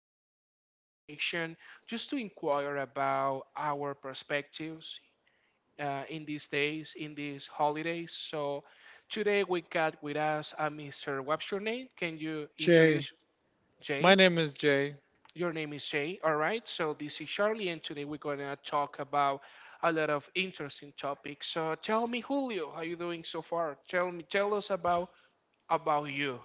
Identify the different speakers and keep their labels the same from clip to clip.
Speaker 1: have a conversation just to inquire about our perspectives in these days, in these holidays. So, today, we got with us Mr. What's your name? Can you
Speaker 2: Jay,
Speaker 1: introduce Jay?
Speaker 2: my name is Jay.
Speaker 1: Your name is Jay, all right? So, this is Charlie, and today we're going to talk about a lot of interesting topics. So, tell me, Julio, how you doing so far? Tell me, tell us about you.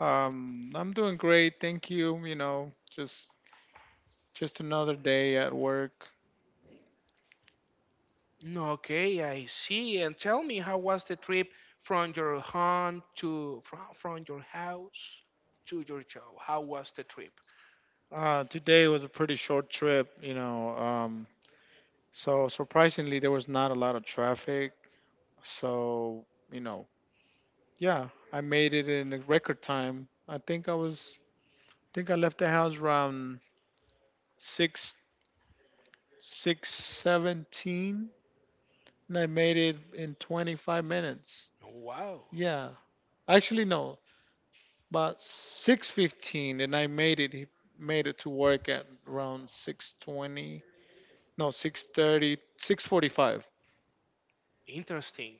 Speaker 2: I'm doing great, thank you. You know, just another day at work.
Speaker 1: Okay, I see. And tell me, how was the trip from your home to from your house to your job? How was the trip?
Speaker 2: Today was a pretty short trip. So surprisingly there was not a lot of traffic. So you know, yeah, I made it in a record time. I think I left the house around six six seventeen, and I made it in 25 minutes.
Speaker 1: Wow,
Speaker 2: Yeah, actually no, but 6:15, and I made it he made it to work at around 6:20. No, 6:30, 6:45.
Speaker 1: interesting.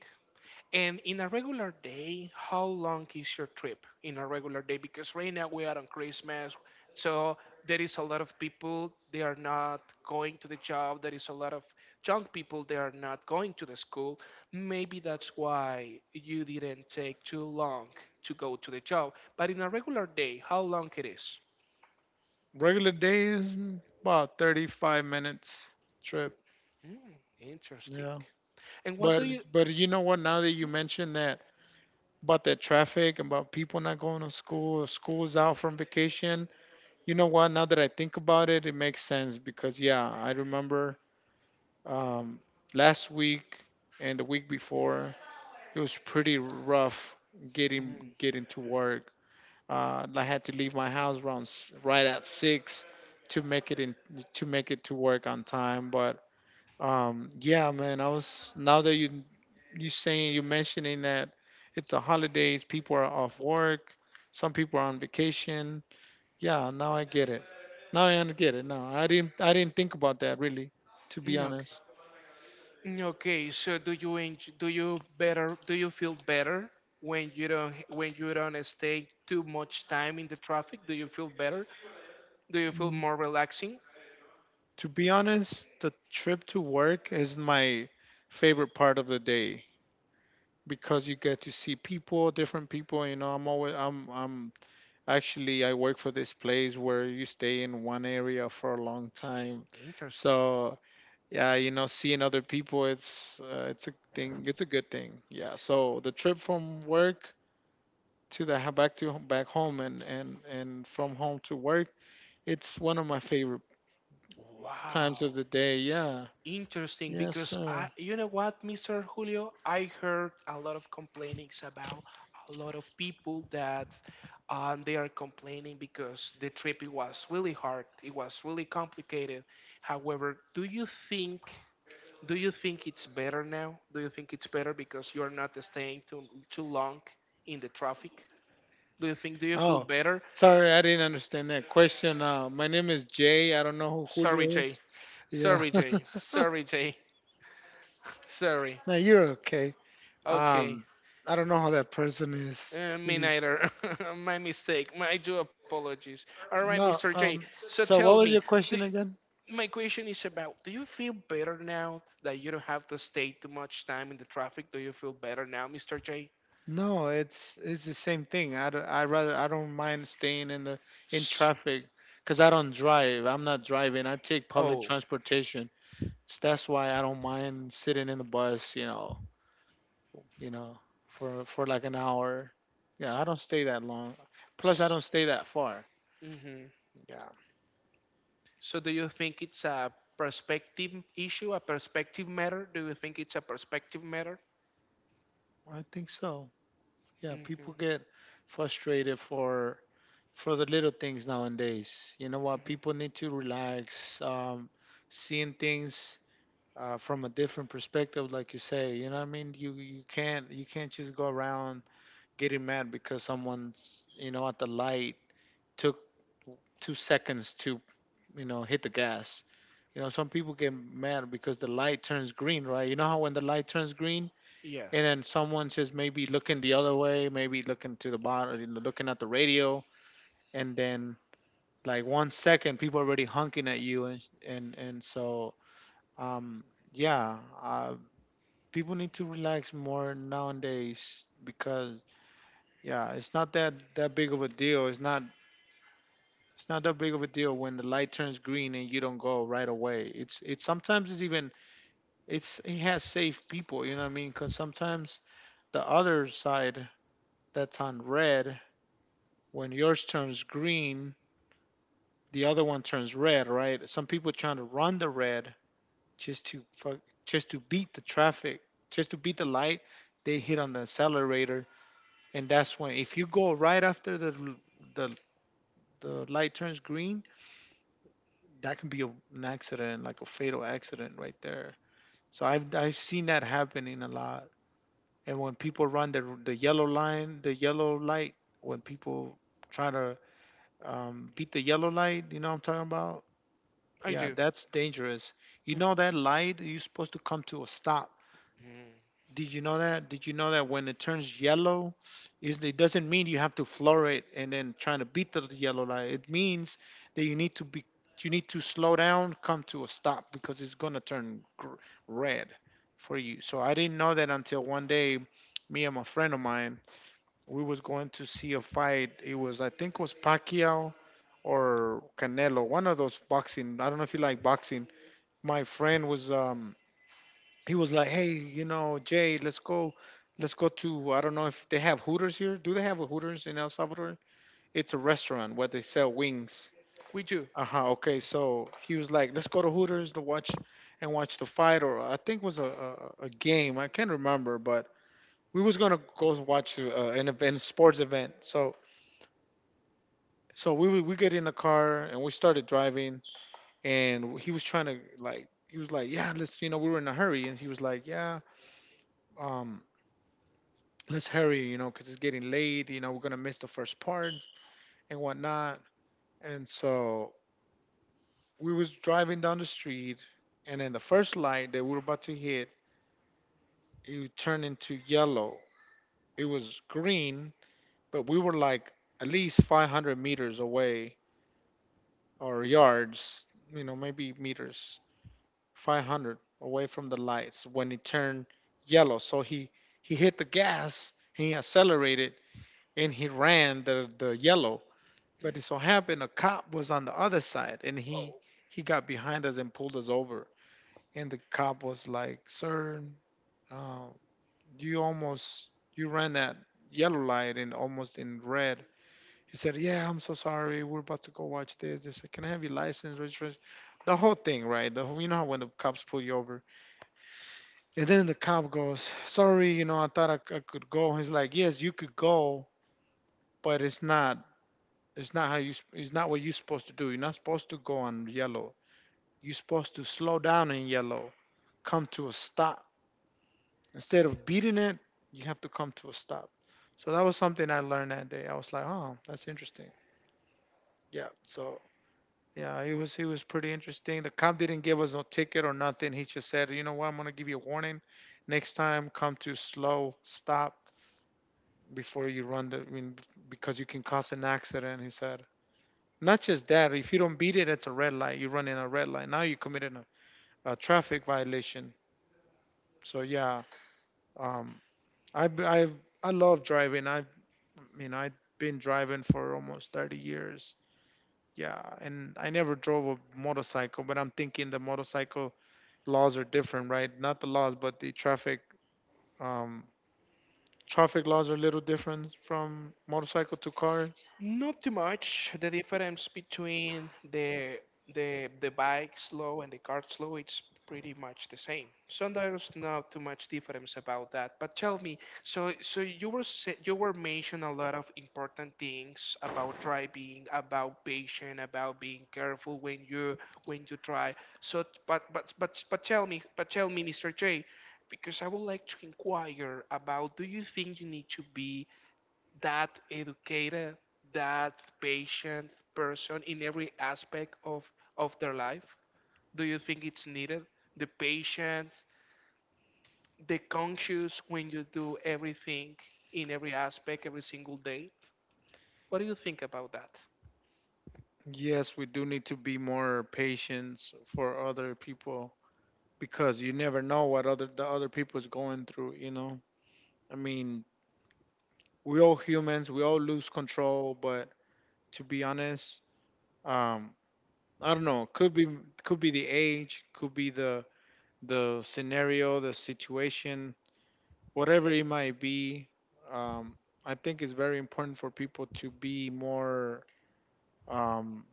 Speaker 1: And in a regular day, how long is your trip in a regular day? Because right now we are on Christmas, so there is a lot of people they are not going to the job. There is a lot of young people they are not going to the school. Maybe that's why you didn't take too long to go to the job. But in a regular day, how long it is?
Speaker 2: Regular day is about 35 minutes trip.
Speaker 1: Mm, interesting.
Speaker 2: Yeah.
Speaker 1: And what do
Speaker 2: But
Speaker 1: you?
Speaker 2: but you know what, now that you mentioned that, about that traffic, about people not going to school, school's out from vacation. You know what? Now that I think about it, it makes sense because yeah, I remember um, last week and the week before it was pretty rough getting
Speaker 1: Mm,
Speaker 2: getting to work. I had to leave my house around right at six to make it in to make it to work on time. But yeah, man, I was now that you mentioning that it's the holidays, people are off work, some people are on vacation. Yeah, now I get it. Now I get it. No, I didn't think about that really, to be
Speaker 1: okay.
Speaker 2: honest.
Speaker 1: Okay, so do you better do you feel better when you don't stay too much time in the traffic? Do you feel better? Do you feel
Speaker 2: Mm,
Speaker 1: more relaxing?
Speaker 2: To be honest, the trip to work is my favorite part of the day because you get to see people, different people. You know, I'm always, I'm actually, I work for this place where you stay in one area for a long time.
Speaker 1: Interesting.
Speaker 2: So yeah, you know, seeing other people, it's a thing, it's a good thing. Yeah. So the trip from work to the ho- back to back home, and from home to work. It's one of my favorite times of
Speaker 1: Wow.
Speaker 2: the day. Yeah.
Speaker 1: Interesting
Speaker 2: Yes,
Speaker 1: because I
Speaker 2: sir.
Speaker 1: you know what, Mr. Julio, I heard a lot of complainings about a lot of people that they are complaining because the trip it was really hard. It was really complicated. However, Do you think it's better now? Do you think it's better because you're not staying too long in the traffic? Do you think do you feel
Speaker 2: Oh,
Speaker 1: better?
Speaker 2: sorry, I didn't understand that question. My name is Jay. I don't know who Julio
Speaker 1: Sorry, Jay.
Speaker 2: is. Yeah.
Speaker 1: Sorry, Jay. Sorry, Jay. Sorry.
Speaker 2: No, you're okay.
Speaker 1: Okay.
Speaker 2: Um, I don't know how that person is.
Speaker 1: Me neither. My mistake. I do apologies. All right, Mr.
Speaker 2: No.
Speaker 1: J. So
Speaker 2: So,
Speaker 1: tell
Speaker 2: what
Speaker 1: me,
Speaker 2: was your
Speaker 1: do,
Speaker 2: question again?
Speaker 1: my question is: about: Do you feel better now that you don't have to stay too much time in the traffic? Do you feel better now, Mr. J?
Speaker 2: No, it's the same thing. I, d- I rather I don't mind staying in
Speaker 1: S-
Speaker 2: traffic because I don't drive. I'm not driving. I take public
Speaker 1: oh.
Speaker 2: transportation. So that's why I don't mind sitting in the bus, you know, for like an hour. Yeah, I don't stay that long. Plus, I
Speaker 1: S-
Speaker 2: don't stay that far.
Speaker 1: mm-hmm.
Speaker 2: Yeah,
Speaker 1: So do you think it's a perspective issue, a perspective matter? Do you think it's a perspective matter?
Speaker 2: I think so. Yeah, people
Speaker 1: Mm-hmm.
Speaker 2: get frustrated for the little things nowadays. You know what?
Speaker 1: Hmm.
Speaker 2: People need to relax. Seeing things from a different perspective, like you say. You know what I mean? You can't just go around getting mad because someone's at the light took 2 seconds to hit the gas. Some people get mad because the light turns green, right? You know how when the light turns green
Speaker 1: Yeah,
Speaker 2: and then someone's just maybe looking the other way, maybe looking to the bottom, looking at the radio, and then like one second, people already honking at you, and so um yeah, people need to relax more nowadays because yeah, it's not that big of a deal. It's not that big of a deal when the light turns green and you don't go right away. It's sometimes it's even it's it has safe people. You know what I mean? Because sometimes the other side that's on red, when yours turns green, the other one turns red, right? Some people trying to run the red, just to fuck, just to beat the traffic, just to beat the light. They hit on the accelerator, and that's when, if you go right after the the light turns green, that can be an accident, like a fatal accident right there. So I've seen that happening a lot. And when people run the yellow line, the yellow light, when people try to beat the yellow light, you know what I'm talking about?
Speaker 1: I
Speaker 2: Yeah,
Speaker 1: do.
Speaker 2: that's dangerous. You know
Speaker 1: Mhm.
Speaker 2: that light, you're supposed to come to a stop.
Speaker 1: Mm.
Speaker 2: Did you know that? Did you know that when it turns yellow, is it doesn't mean you have to floor it and then trying to beat the yellow light. It means that you need to slow down, come to a stop, because it's gonna turn red for you. So I didn't know that until one day, me and my friend of mine, we was going to see a fight. It was I think it was Pacquiao or Canelo, one of those boxing. I don't know if you like boxing. My friend was he was like, "Hey, you know, Jay, let's go to, I don't know if they have Hooters here. Do they have a Hooters in El Salvador? It's a restaurant where they sell wings."
Speaker 1: We do.
Speaker 2: Uh huh. Okay, so he was like, "Let's go to Hooters to watch and watch the fight," or I think it was a, a game. I can't remember, but we was gonna go watch an event, sports event. So we get in the car and we started driving, and he was trying to like. He was like, yeah, we were in a hurry. And he was like, yeah, um, let's hurry, because it's getting late. We're gonna miss the first part and whatnot. And so we was driving down the street, and then the first light that we were about to hit, it turned into yellow. It was green, but we were like at least 500 meters away, or yards, you know, maybe meters, 500 away from the lights when it turned yellow. So he hit the gas, he accelerated, and he ran the yellow. But it so happened a cop was on the other side, and he got behind us and pulled us over. And the cop was like, "Sir, uh, you almost you ran that yellow light and almost in red." He said, "Yeah, I'm so sorry. We're about to go watch this." They said, "Can I have your license, registration?" The whole thing, right? The whole, you know how when the cops pull you over, and then the cop goes, "Sorry, you know, I thought I could go." He's like, "Yes, you could go, but it's not. It's not how you. It's not what you're supposed to do. You're not supposed to go on yellow. You're supposed to slow down in yellow, come to a stop. Instead of beating it, you have to come to a stop." So that was something I learned that day. I was like, oh, that's interesting. Yeah. So yeah, he was pretty interesting. The cop didn't give us no ticket or nothing. He just said, "You know what, I'm gonna give you a warning. Next time, come to slow stop before you run the, I mean, because you can cause an accident," he said. "Not just that, if you don't beat it, it's a red light. You're running a red light. Now you committed a traffic violation." So yeah, um, I b- I I love driving. I mean, I've been driving for almost 30 years. Yeah, and I never drove a motorcycle, but I'm thinking the motorcycle laws are different, right? Not the laws, but the traffic um traffic laws are a little different from motorcycle to cars.
Speaker 1: Not too much. The difference between the bike slow and the car slow, it's pretty much the same. So there's not too much difference about that. But tell me, so you were mentioning a lot of important things about driving, about patient, about being careful when you drive. So but tell me, Mr. J, because I would like to inquire about do you think you need to be that educated, that patient person in every aspect of their life? Do you think it's needed? The patience, the conscious when you do everything in every aspect every single day? What do you think about that?
Speaker 2: Yes, we do need to be more patient for other people, because you never know what other the other people is going through, you know? I mean, we all humans, we all lose control, but to be honest, um, I don't know. Could be the age, could be the scenario, the situation, whatever it might be. Um, I think it's very important for people to be more um,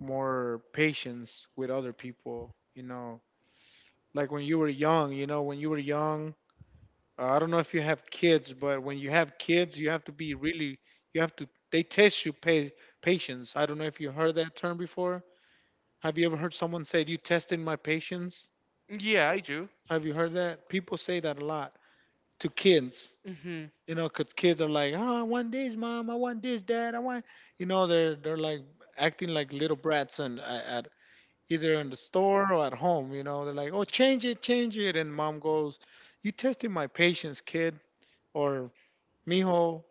Speaker 2: more patience with other people. You know, like when you were young. You know, when you were young. I don't know if you have kids, but when you have kids, you have to be really. You have to. They test you patience. I don't know if you heard that term before. Have you ever heard someone say, "You tested my patience"?
Speaker 1: Yeah, I do.
Speaker 2: Have you heard that? People say that a lot to kids.
Speaker 1: Hmm.
Speaker 2: You know, 'cause kids are like, "Oh, I want this, mom. I want this, dad. I want," you know, they're like acting like little brats, and at either in the store or at home. You know, they're like, "Oh, change it," and mom goes, "You testing my patience, kid, or mijo,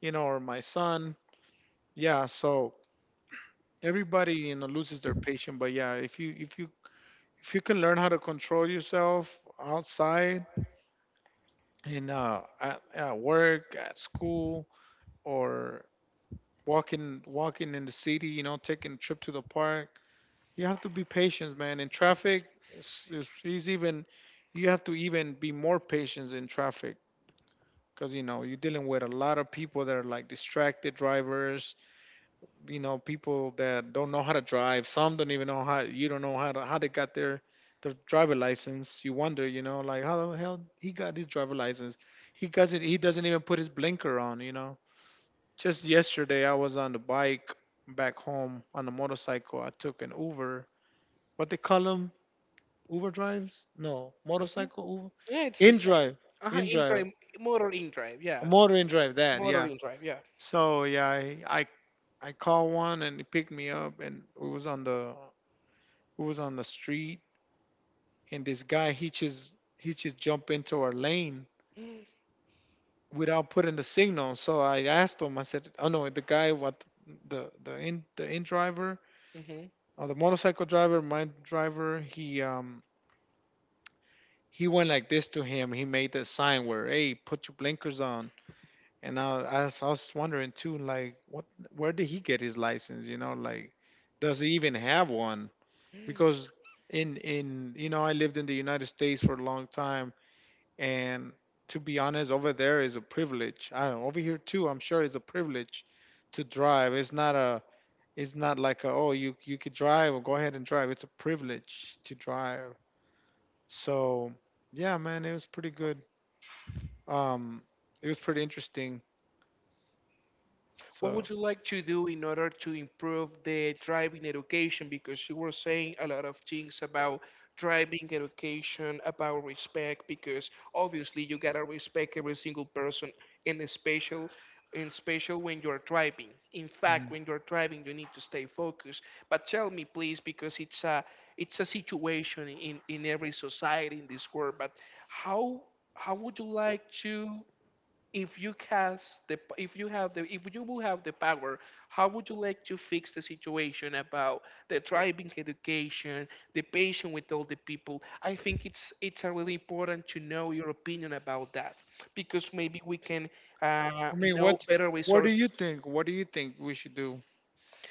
Speaker 2: you know, or my son." Yeah, so everybody you know loses their patience, but yeah, if you if you can learn how to control yourself outside in at work, at school, or walking in the city. You know, taking a trip to the park. You have to be patient, man. In traffic, it's even you have to even be more patient in traffic because you know you're dealing with a lot of people that are like distracted drivers, you know, people that don't know how to drive. Some don't even know how. You don't know how to, how they got their driver license. You wonder, you know, like how the hell he got his driver license. He doesn't even put his blinker on. You know, just yesterday I was on the bike back home on the motorcycle. I took an Uber, what they call them, Uber drives. No,
Speaker 1: Hmm.
Speaker 2: motorcycle Uber,
Speaker 1: Yeah, it's the
Speaker 2: in
Speaker 1: same.
Speaker 2: drive
Speaker 1: Uh-huh,
Speaker 2: in drive
Speaker 1: in drive,
Speaker 2: a
Speaker 1: yeah.
Speaker 2: motor in drive that.
Speaker 1: Motor
Speaker 2: Yeah.
Speaker 1: in drive, yeah.
Speaker 2: So yeah, I called one and he picked me up, and it was on the, who was on the street, and this guy, he just jumped into our lane without putting the signal. So I asked him. I said, "Oh no," the guy, what, the in driver
Speaker 1: Mm-hmm.
Speaker 2: or the motorcycle driver, my driver, he went like this to him. He made the sign where, "Hey, put your blinkers on." And I was wondering too, like, what, where did he get his license? You know, like, does he even have one? Because in you know, I lived in the United States for a long time. And to be honest, over there is a privilege. I don't know, over here too, I'm sure it's a privilege to drive. It's not a, it's not like a, oh, you could drive or go ahead and drive. It's a privilege to drive. So yeah, man, it was pretty good. Um, it was pretty interesting.
Speaker 1: What
Speaker 2: So
Speaker 1: would you like to do in order to improve the driving education? Because you were saying a lot of things about driving education, about respect, because obviously you gotta respect every single person and a special in special when you're driving. In fact,
Speaker 2: mm,
Speaker 1: when you're driving you need to stay focused. But tell me please, because it's a situation in every society in this world, but how how would you like to if you cast the if you have the if you would have the power, how would you like to fix the situation about the driving education, the patient with all the people? I think it's a really important to know your opinion about that, because maybe we can
Speaker 2: I mean,
Speaker 1: know
Speaker 2: what
Speaker 1: better
Speaker 2: what do
Speaker 1: resources.
Speaker 2: you think? What do you think we should do?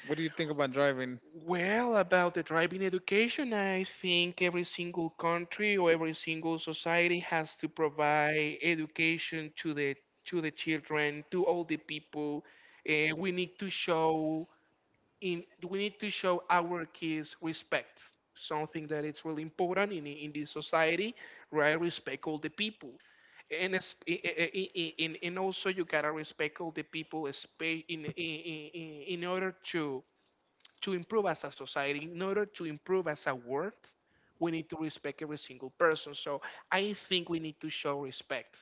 Speaker 2: What do you think about driving
Speaker 1: Well, about the driving education, I think every single country or every single society has to provide education to the children, to all the people. We need to show in we need to show our kids respect, something that it's really important in this society, right? Respect all the people. And and also you gotta respect all the people in order to improve as a society, in order to improve as a world, we need to respect every single person. So I think we need to show respect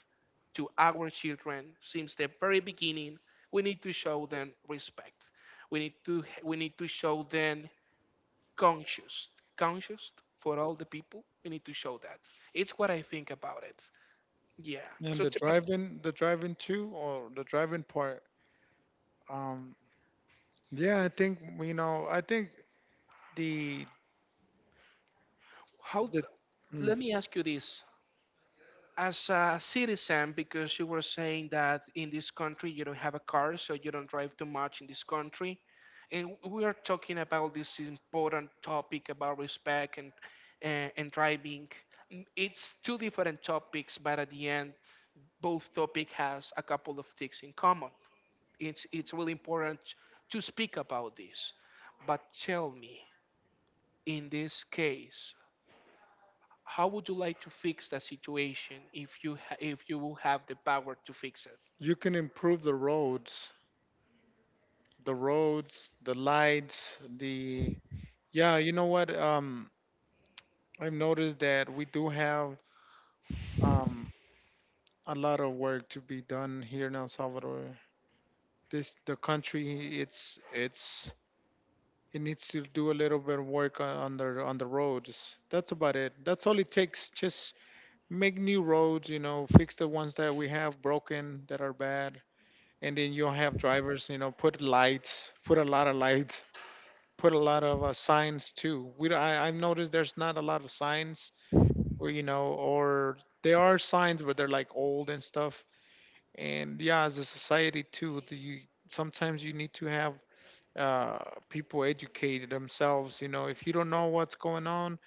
Speaker 1: to our children since the very beginning. We need to show them respect. We need to show them conscious, conscious for all the people. We need to show that. It's what I think about it. Yeah.
Speaker 2: and
Speaker 1: But
Speaker 2: the driving too, or the driving part? Um, yeah, I think, you know, I think the
Speaker 1: how?
Speaker 2: the mm,
Speaker 1: Let me ask you this: as a citizen, because you were saying that in this country you don't have a car so you don't drive too much in this country, and we are talking about this important topic about respect and and driving. It's two different topics, but at the end both topic has a couple of things in common. It's really important to speak about this, but tell me, in this case, how would you like to fix that situation if you will have the power to fix it?
Speaker 2: you can improve the roads, the roads, the lights, the, yeah. You know what? I've noticed that we do have um a lot of work to be done here in El Salvador. This, the country, it needs to do a little bit of work on the roads. That's about it. That's all it takes. Just make new roads, you know, fix the ones that we have broken that are bad, and then you'll have drivers, you know, put lights, put a lot of lights, put a lot of signs too. We don't- I've noticed there's not a lot of signs, or you know, or there are signs, but they're like old and stuff. And yeah, as a society too, do you sometimes you need to have uh, people educate themselves. You know, if you don't know what's going on,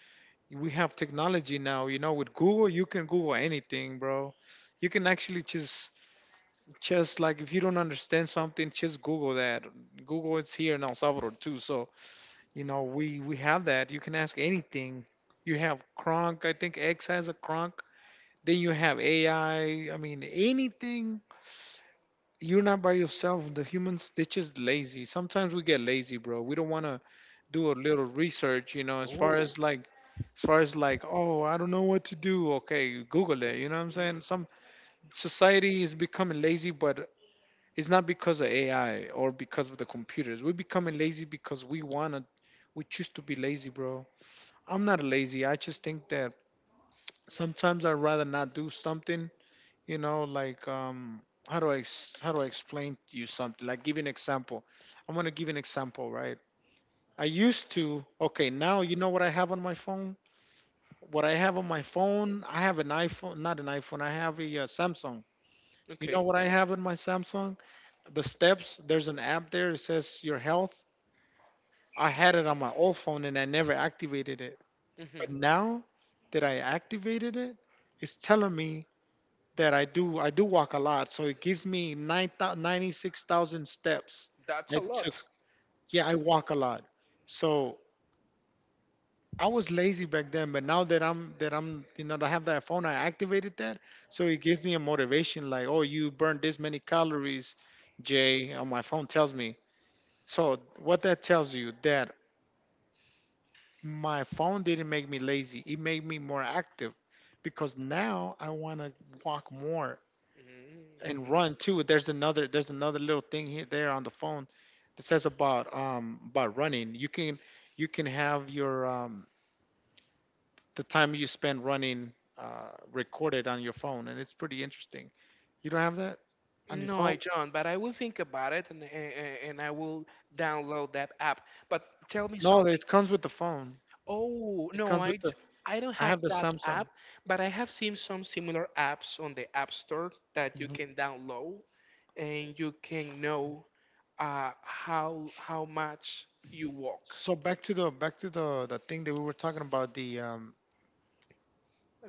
Speaker 2: we have technology now. You know, with Google, you can Google anything, bro. You can actually just, like, if you don't understand something, just Google that. Google, it's here in El Salvador too. So you know, we have that. You can ask anything. You have Kronk. I think X has a Kronk. Then you have AI. I mean, anything. You're not by yourself. The humans, they're just lazy. Sometimes we get lazy, bro. We don't want to do a little research, you know,
Speaker 1: Oh,
Speaker 2: as far as like, oh, I don't know what to do. Okay, you Google it, you know what I'm saying? Some society is becoming lazy, but it's not because of AI or because of the computers. We're becoming lazy because we choose to be lazy, bro. I'm not lazy. I just think that sometimes I'd rather not do something, you know, like how do how do I explain to you something? Like give you an example. I'm gonna give you an example, right? I used to, okay, now you know what I have on my phone? What I have on my phone, I have an iPhone, not an iPhone, I have a Samsung. You know
Speaker 1: okay.
Speaker 2: what I have in my Samsung? The steps, there's an app there, it says your health. I had it on my old phone and I never activated it. But
Speaker 1: Hmm.
Speaker 2: now that I activated it, it's telling me that I do walk a lot. So it gives me 9, 96,000 steps
Speaker 1: That's
Speaker 2: I
Speaker 1: a
Speaker 2: took.
Speaker 1: lot.
Speaker 2: Yeah, I walk a lot. So I was lazy back then, but now that I'm, you know, that I have that phone, I activated that, so it gives me a motivation. Like, oh, you burned this many calories, Jay. On my phone tells me. So what that tells you that my phone didn't make me lazy. It made me more active, because now I want to walk more and
Speaker 1: Mm.
Speaker 2: run too. There's another little thing here there on the phone that says about running. You can, you can have your the time you spend running recorded on your phone, and it's pretty interesting. You don't have that on your
Speaker 1: No, I
Speaker 2: phone?
Speaker 1: don't, but I will think about it, and I will download that app. But tell me
Speaker 2: No,
Speaker 1: something.
Speaker 2: it comes with the phone.
Speaker 1: Oh,
Speaker 2: It
Speaker 1: no,
Speaker 2: comes with the.
Speaker 1: I don't
Speaker 2: I
Speaker 1: have
Speaker 2: have the
Speaker 1: that
Speaker 2: Samsung.
Speaker 1: app, but I have seen some similar apps on the App Store that you can download and you can know how much you walk.
Speaker 2: So back to the, back to the thing that we were talking about,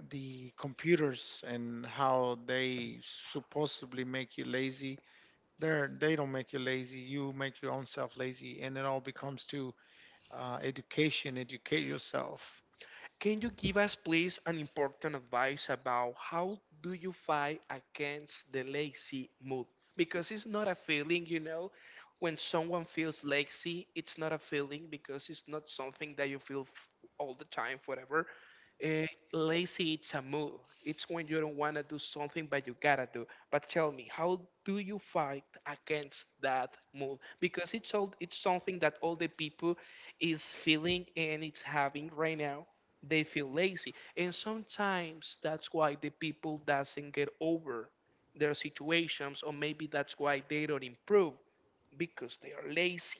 Speaker 2: the computers and how they supposedly make you lazy. They don't make you lazy. You make your own self lazy, and it all becomes to education. Educate yourself.
Speaker 1: Can you give us, please, an important advice about how do you fight against the lazy mood? Because it's not a feeling, you know. When someone feels lazy, it's not a feeling because it's not something that you feel all the time, forever. Uh, Lazy, it's a mood. It's when you don't want to do something, but you gotta do. But tell me, how do you fight against that mood? Because it's all, it's something that all the people is feeling and it's having right now. They feel lazy, and sometimes that's why the people doesn't get over their situations, or maybe that's why they don't improve because they are lazy.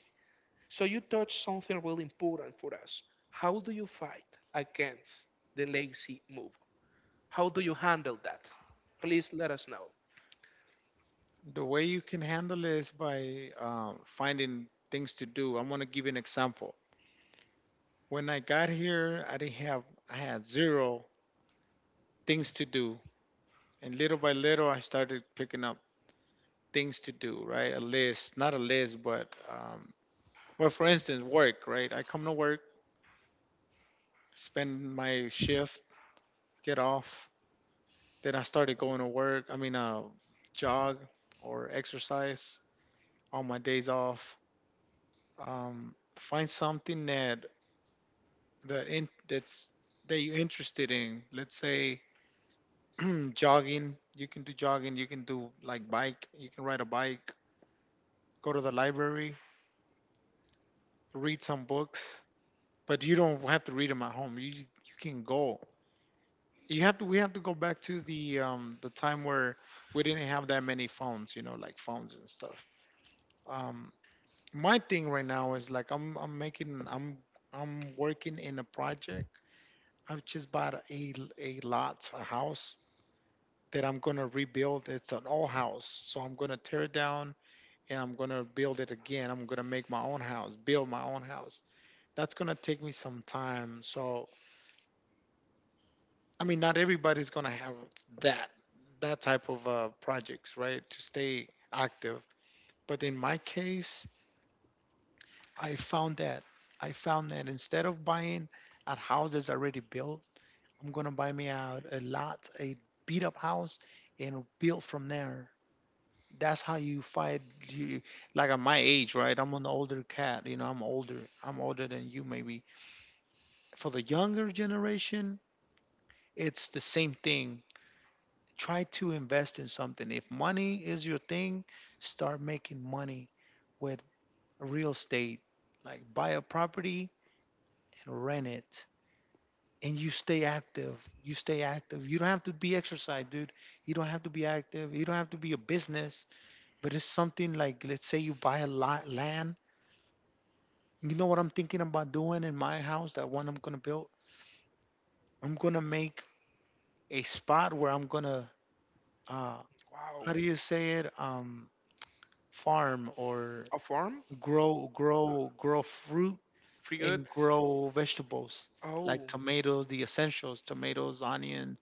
Speaker 1: So you touch something really important for us. How do you fight against the lazy move? How do you handle that? Please let us know.
Speaker 2: The way you can handle it is by finding things to do. I'm going to give you an example. When I got here, I didn't have, I had zero things to do. And little by little, I started picking up things to do, right? A list, not a list, but, well, for instance, work, right? I come to work, spend my shift, get off. Then I started going to work, I mean, jog or exercise on my days off. Find something that that's, that you're interested in. Let's say jogging. You can do jogging. You can do like bike. You can ride a bike. Go to the library. Read some books. But you don't have to read them at home. You can go. You have to. We have to go back to the time where we didn't have that many phones. You know, like phones and stuff. Um, my thing right now is like I'm making I'm working in a project. I've just bought a lot, a house that I'm going to rebuild. It's an old house. So I'm going to tear it down and I'm going to build it again. I'm going to make my own house, build my own house. That's going to take me some time. So, I mean, not everybody's going to have that that type of projects, right? To stay active. But in my case, I found that instead of buying at houses already built, I'm going to buy me out a lot, a beat up house and build from there. That's how you fight, you like, at my age, right? I'm an older cat, you know, I'm older. Than you. Maybe for the younger generation it's the same thing. Try to invest in something. If money is your thing, start making money with real estate, like buy a property and rent it, and you stay active. You don't have to be exercise, dude. You don't have to be active. You don't have to be a business, but it's something. Like let's say you buy a lot, land. You know what I'm thinking about doing in my house, that one I'm gonna build? I'm gonna make a spot where I'm gonna, uh
Speaker 1: Wow,
Speaker 2: how do you say it? Farm, or
Speaker 1: a farm
Speaker 2: grow fruit
Speaker 1: fruit.
Speaker 2: and grow vegetables, like
Speaker 1: Oh,
Speaker 2: tomatoes, the essentials, tomatoes, onion,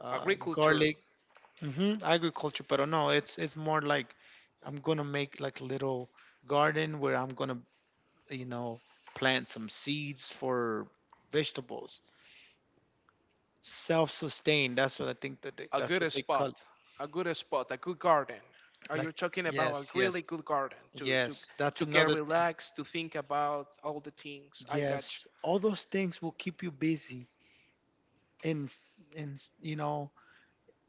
Speaker 1: agriculture.
Speaker 2: garlic. Mm-hmm, agriculture, but no, it's more like I'm gonna make like little garden where I'm gonna, you know, plant some seeds for vegetables, self-sustained. That's what I think that they,
Speaker 1: A
Speaker 2: that's what
Speaker 1: good
Speaker 2: they call,
Speaker 1: spot, a good garden. Are
Speaker 2: like,
Speaker 1: you talking about a
Speaker 2: yes,
Speaker 1: really
Speaker 2: yes,
Speaker 1: good garden to
Speaker 2: yes, that's
Speaker 1: get
Speaker 2: another thing.
Speaker 1: relaxed, to think about all the things? I got you.
Speaker 2: Yes, all those things will keep you busy. And you know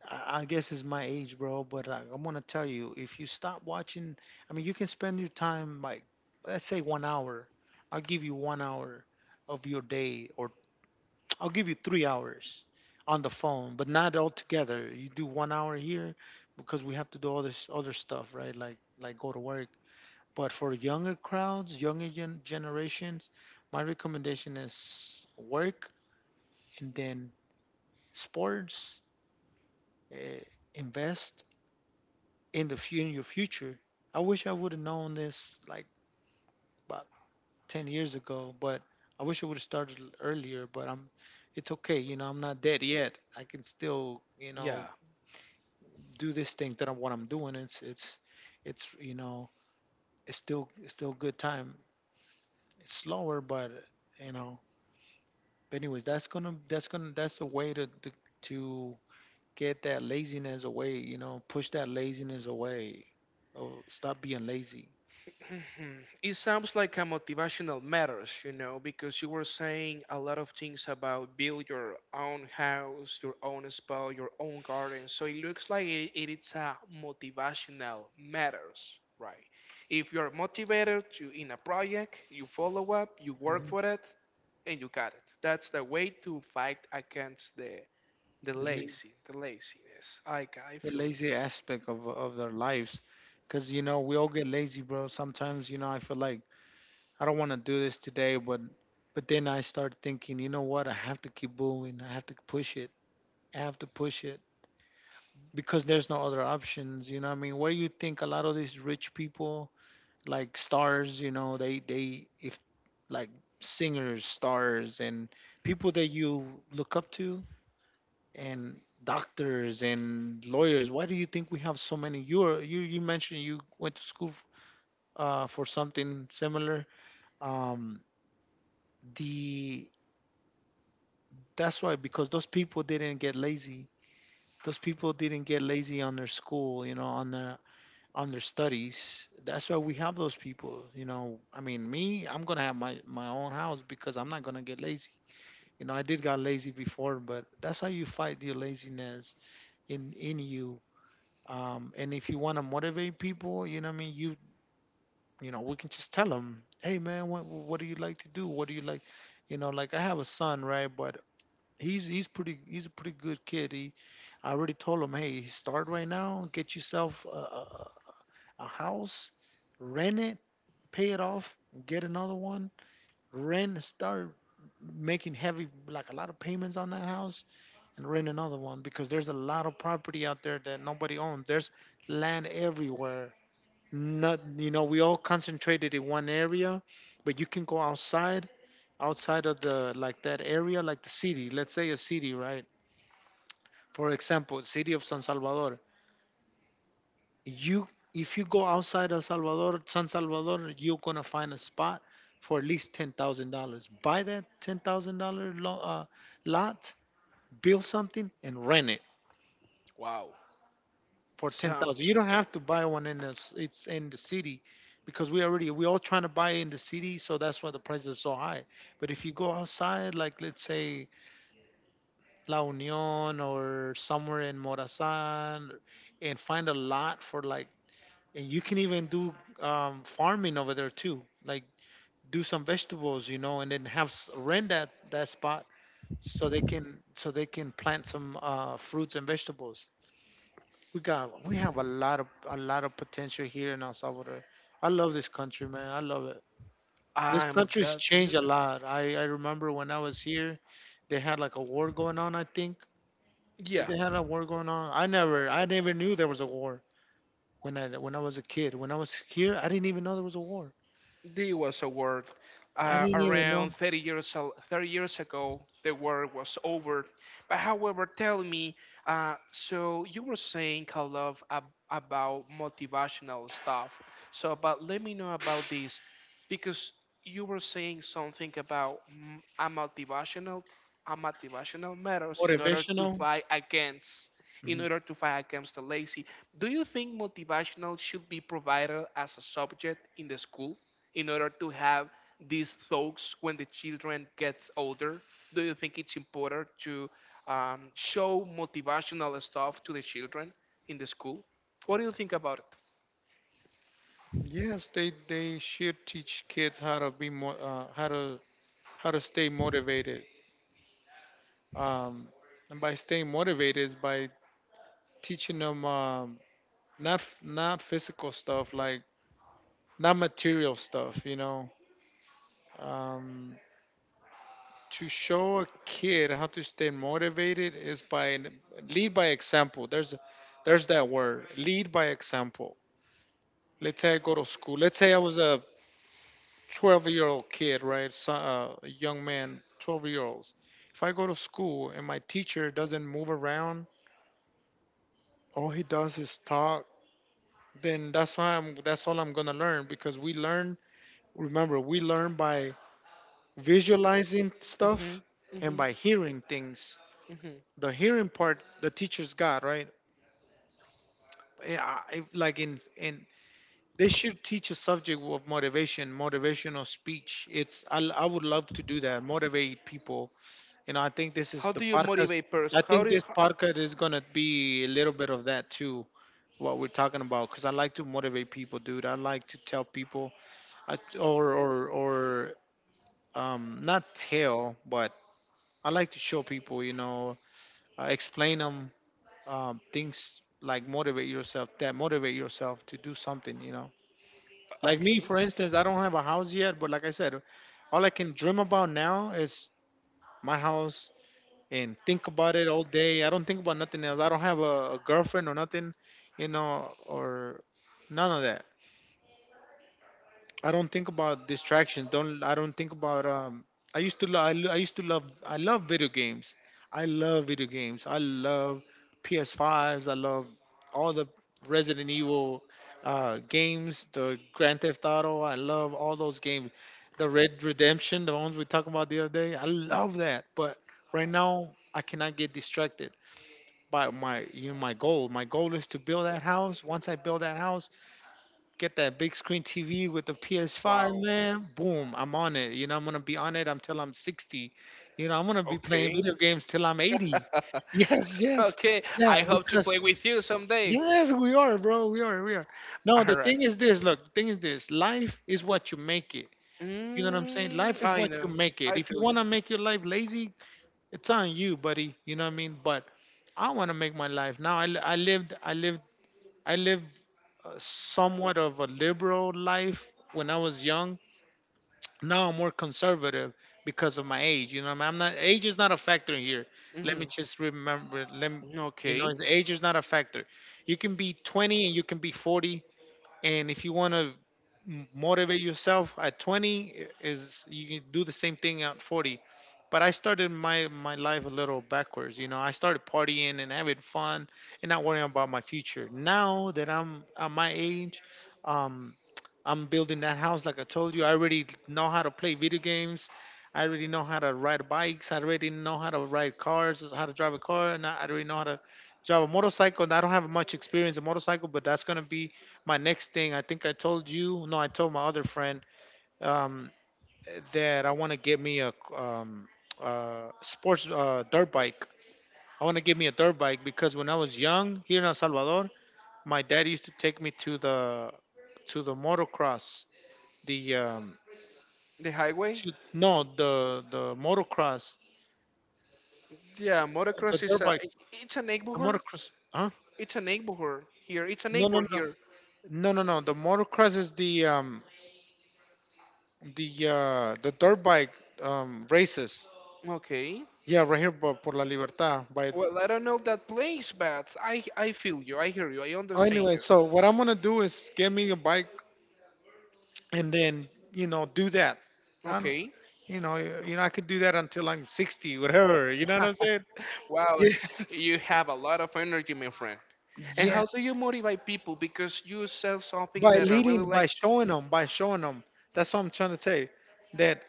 Speaker 2: I guess it's my age, bro. But I'm gonna tell you, if you stop watching, I mean, you can spend your time, like, let's say 1 hour, I'll give you 1 hour of your day, or I'll give you 3 hours on the phone, but not all together. You do 1 hour here because we have to do all this other stuff, right? Like go to work. But for younger crowds, younger generations, my recommendation is work and then sports. Uh, Invest in the fu- in your future. I wish I would have known this like about 10 years ago, but I wish I would have started earlier. But it's okay. You know, I'm not dead yet. I can still, you
Speaker 1: Yeah.
Speaker 2: know, do this thing that I'm what I'm doing. It's you know it's still good time. It's slower, but you know. But anyways, that's a way to get that laziness away. You know, push that laziness away. Oh, stop being lazy.
Speaker 1: Mhm. It sounds like a motivational matters, you know, because you were saying a lot of things about build your own house, your own spa, your own garden. So it looks like it is a motivational matters, right? If you're motivated to in a project, you follow up, you work
Speaker 2: Mhm.
Speaker 1: for it, and you got it. That's the way to fight against the
Speaker 2: The lazy,
Speaker 1: lazy, the laziness. I
Speaker 2: the
Speaker 1: feel you.
Speaker 2: lazy aspect of their lives, because you know we all get lazy, bro. Sometimes you know I feel like I don't want to do this today, but then I start thinking, you know what? I have to keep moving. I have to push it. I have to push it because there's no other options. You know what I mean? What do you think? A lot of these rich people, like stars, you know, they if like singers, stars, and people that you look up to, and doctors and lawyers. Why do you think we have so many? You mentioned you went to school for something similar. Um, the That's right, because those people didn't get lazy. Those people didn't get lazy on their school, you know, on their studies. That's why we have those people, you know. I mean, me, I'm gonna have my own house because I'm not gonna get lazy. You know, I did got lazy before, but that's how you fight your laziness in you. And if you want to motivate people, you know, what I mean, you know, we can just tell them, hey man, what do you like to do? What do you like? You know, like I have a son, right? But he's a pretty good kid. He I already told him, hey, start right now, get yourself a house, rent it, pay it off, get another one, rent, start making heavy, like a lot of payments on that house, and rent another one because there's a lot of property out there that nobody owns. There's land everywhere. Not, you know, we all concentrated in one area, but you can go outside, outside of the like that area, like the city. Let's say a city, right? For example, city of San Salvador you if you go outside El Salvador, San Salvador, you're gonna find a spot for at least $10,000. Buy that $10,000 lot, build something, and rent it
Speaker 1: Wow.
Speaker 2: for 10,000.
Speaker 1: Sounds.
Speaker 2: You don't have to buy one in this. It's in the city because we all trying to buy in the city, so that's why the price is so high. But if you go outside, like let's say La Union or somewhere in Morazan, and find a lot for like and you can even do farming over there too like do some vegetables you know and then have rent that spot so they can plant some fruits and vegetables we have a lot of potential here in El Salvador. I love this country, man. I love it. This
Speaker 1: I'm
Speaker 2: country's
Speaker 1: glad to hear
Speaker 2: changed a
Speaker 1: that.
Speaker 2: lot. I remember when I was here they had like a war going on. I think did
Speaker 1: Yeah,
Speaker 2: they had a war going on? I never knew there was a war when I was a kid, when I was here. I didn't even know there was a war.
Speaker 1: it was a war
Speaker 2: I didn't even know.
Speaker 1: around 30 years, 30 years ago. The war was over. But however, tell me, so you were saying, Kalov, about motivational stuff. So, but let me know about this because you were saying something about a motivational matters in order to
Speaker 2: Motivational.
Speaker 1: fight against. In
Speaker 2: Mhm.
Speaker 1: order to fight against the lazy, do you think motivational should be provided as a subject in the school, in order to have these thoughts when the children gets older? Do you think it's important to show motivational stuff to the children in the school? What do you think about it?
Speaker 2: Yes, they should teach kids how to be more how to stay motivated. Um, and by staying motivated is by teaching them not not physical stuff, like not material stuff. You know, um, to show a kid how to stay motivated is by lead by example. There's that word, lead by example. Let's say I go to school. Let's say I was a 12-year-old kid, right? So, a young man, 12-year-olds. If I go to school and my teacher doesn't move around, all he does is talk, then that's why I'm that's all I'm gonna learn, because we learn, remember, we learn by visualizing
Speaker 1: Mm-hmm.
Speaker 2: stuff and
Speaker 1: Mm-hmm.
Speaker 2: by hearing things.
Speaker 1: Mm-hmm.
Speaker 2: The hearing part the teacher's got, right? Eh, I, like in They should teach a subject of motivation, motivational speech. I would love to do that, motivate people. You know, I think this is
Speaker 1: How
Speaker 2: the
Speaker 1: do you
Speaker 2: podcast.
Speaker 1: motivate
Speaker 2: I
Speaker 1: person? How
Speaker 2: think
Speaker 1: do you,
Speaker 2: this
Speaker 1: ho-
Speaker 2: podcast is gonna be a little bit of that too. What we're talking about, because I like to motivate people, dude. I like to tell people, I, or not tell, but I like to show people. You know, explain them things like motivate yourself, that motivate yourself to do something. You know. Like me,
Speaker 1: Okay.
Speaker 2: for instance, I don't have a house yet, but like I said, all I can dream about now is my house and think about it all day. I don't think about nothing else. I don't have a girlfriend or nothing, you know, or none of I don't think about distractions. Don't I don't think about I used to love. I used to love. I love video games. I love video games. I love PS5s. I love all the Resident Evil games. The Grand Theft Auto. I love all those games. The Red Redemption, the ones we talked about the other day. I love that. But right now, I cannot get distracted by my you know my goal. My goal is to build that house. Once I build that house, get that big screen TV with the PS5,
Speaker 1: Wow.
Speaker 2: man. Boom, I'm on it. You know, I'm gonna be on it until I'm 60. You know, I'm gonna be playing
Speaker 1: Okay.
Speaker 2: video games till I'm 80. Yes, yes.
Speaker 1: Okay.
Speaker 2: Yeah,
Speaker 1: I hope to
Speaker 2: because
Speaker 1: play with you someday.
Speaker 2: yes, we are, bro. We are. No,
Speaker 1: All
Speaker 2: the
Speaker 1: right.
Speaker 2: thing is this, look, the thing is this. Life is what you make it. You know what I'm saying? Life
Speaker 1: Mm,
Speaker 2: is
Speaker 1: I
Speaker 2: what you
Speaker 1: know.
Speaker 2: make it.
Speaker 1: I
Speaker 2: If you
Speaker 1: feel you.
Speaker 2: wanna make your life lazy, it's on you, buddy. You know what I mean? But I wanna make my life. Now I lived I lived somewhat of a liberal life when I was young. Now I'm more conservative because of my age. You know, I'm not age is not a factor here. Let me
Speaker 1: Mm-hmm.
Speaker 2: just remember. Let me, you know,
Speaker 1: Okay.
Speaker 2: it's- age is not a factor. You can be 20 and you can be 40, and if you want to motivate yourself at 20 is you can do the same thing at 40. But I started my life a little backwards. You know, I started partying and having fun and not worrying about my future. Now that I'm at my age, um I'm building that house like I told you. I already know how to play video games. I already know how to ride bikes. I already know how to ride cars, how to drive a car, and I already know how to drive a motorcycle. And I don't have much experience in motorcycle, but that's gonna be my next thing. I think I told you, no, I told my other friend um, that I want to get me a sports dirt bike. I want to get me a dirt bike because when I was young here in El Salvador, my dad used to take me to the motocross, the
Speaker 1: The highway.
Speaker 2: to no the the motocross
Speaker 1: Yeah,
Speaker 2: the
Speaker 1: motocross is
Speaker 2: dirt
Speaker 1: a
Speaker 2: bikes,
Speaker 1: it's a
Speaker 2: the
Speaker 1: neighborhood.
Speaker 2: motocross, huh,
Speaker 1: It's a
Speaker 2: no no
Speaker 1: neighborhood
Speaker 2: no
Speaker 1: here.
Speaker 2: no no no the motocross is the dirt bike races,
Speaker 1: Okay.
Speaker 2: yeah, right here por, por la libertad by
Speaker 1: Well, I don't know that place, but I feel you. I hear you. I
Speaker 2: oh,
Speaker 1: understand
Speaker 2: anyway.
Speaker 1: you.
Speaker 2: So what I'm gonna do is get me a bike and then, you know, do that. And
Speaker 1: Okay.
Speaker 2: you know you, you know I could do that until I'm 60, whatever, you know what I'm saying.
Speaker 1: Wow,
Speaker 2: Yes,
Speaker 1: you have a lot of energy, my friend. And how
Speaker 2: yes,
Speaker 1: do you motivate people? Because you sell something
Speaker 2: by
Speaker 1: that I really
Speaker 2: leading by
Speaker 1: like to.
Speaker 2: showing them, by showing them. That's what I'm trying to say. That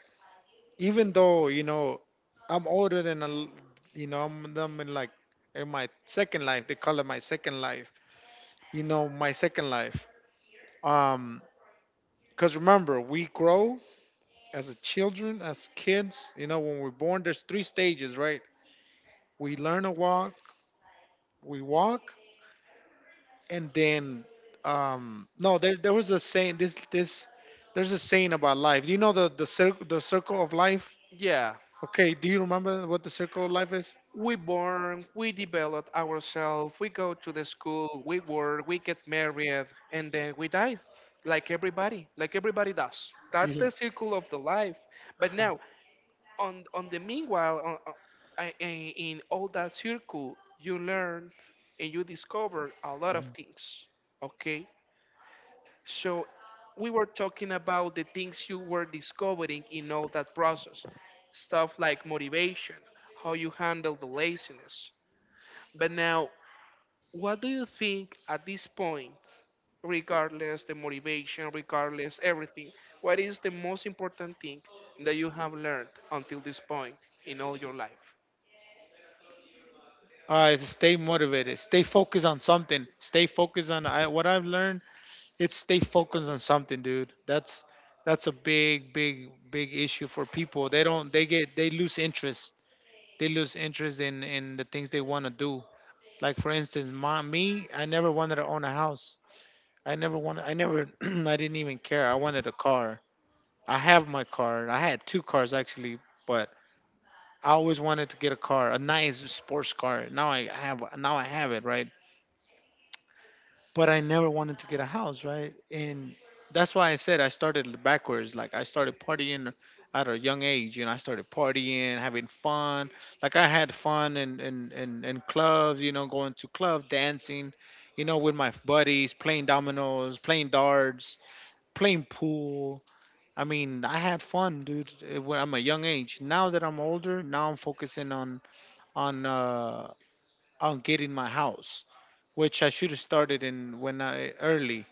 Speaker 2: even though you know I'm older than you know I'm in like in my second life. They call it my second life. You know my second life. Um, because remember we grow as a children, as kids. You know when we're born, there's 3 stages, right? We learn to walk, we walk, and then no, there was a saying, this there's a saying about life. Do you know the circle of life?
Speaker 1: Yeah.
Speaker 2: Okay, do you remember what the circle of life is?
Speaker 1: We born, we develop ourselves, we go to the school, we work, we get married, and then we die, like everybody does. That's
Speaker 2: Yeah.
Speaker 1: the circle of the life. But now, on the meanwhile, in all that circle, you learn and you discover a lot of things. Okay, so we were talking about the things you were discovering in all that process, stuff like motivation, how you handle the laziness. But now, what do you think at this point, regardless the motivation, regardless everything, what is the most important thing that you have learned until this point in all your life?
Speaker 2: Stay motivated. Stay focused on something. Stay focused on what I've learned. It's stay focused on something, dude. That's a big, big, big issue for people. They don't. They get. They lose interest. They lose interest in the things they want to do. Like for instance, my me. I never wanted to own a house. I never wanted. I never. I didn't even care. I wanted a car. I have my car. I had two cars actually, but I always wanted to get a car, a nice sports car. Now I have. Now I have it, right? But I never wanted to get a house, right? And that's why I said I started backwards. Like I started partying at a young age, I started partying, having fun. Like I had fun in clubs, going to clubs, dancing, with my buddies, playing dominoes, playing darts, playing pool. I mean, I had fun, dude, eh, when I'm a young age. Now that I'm older, now I'm focusing on uh on getting my house, which I should have started in when I early,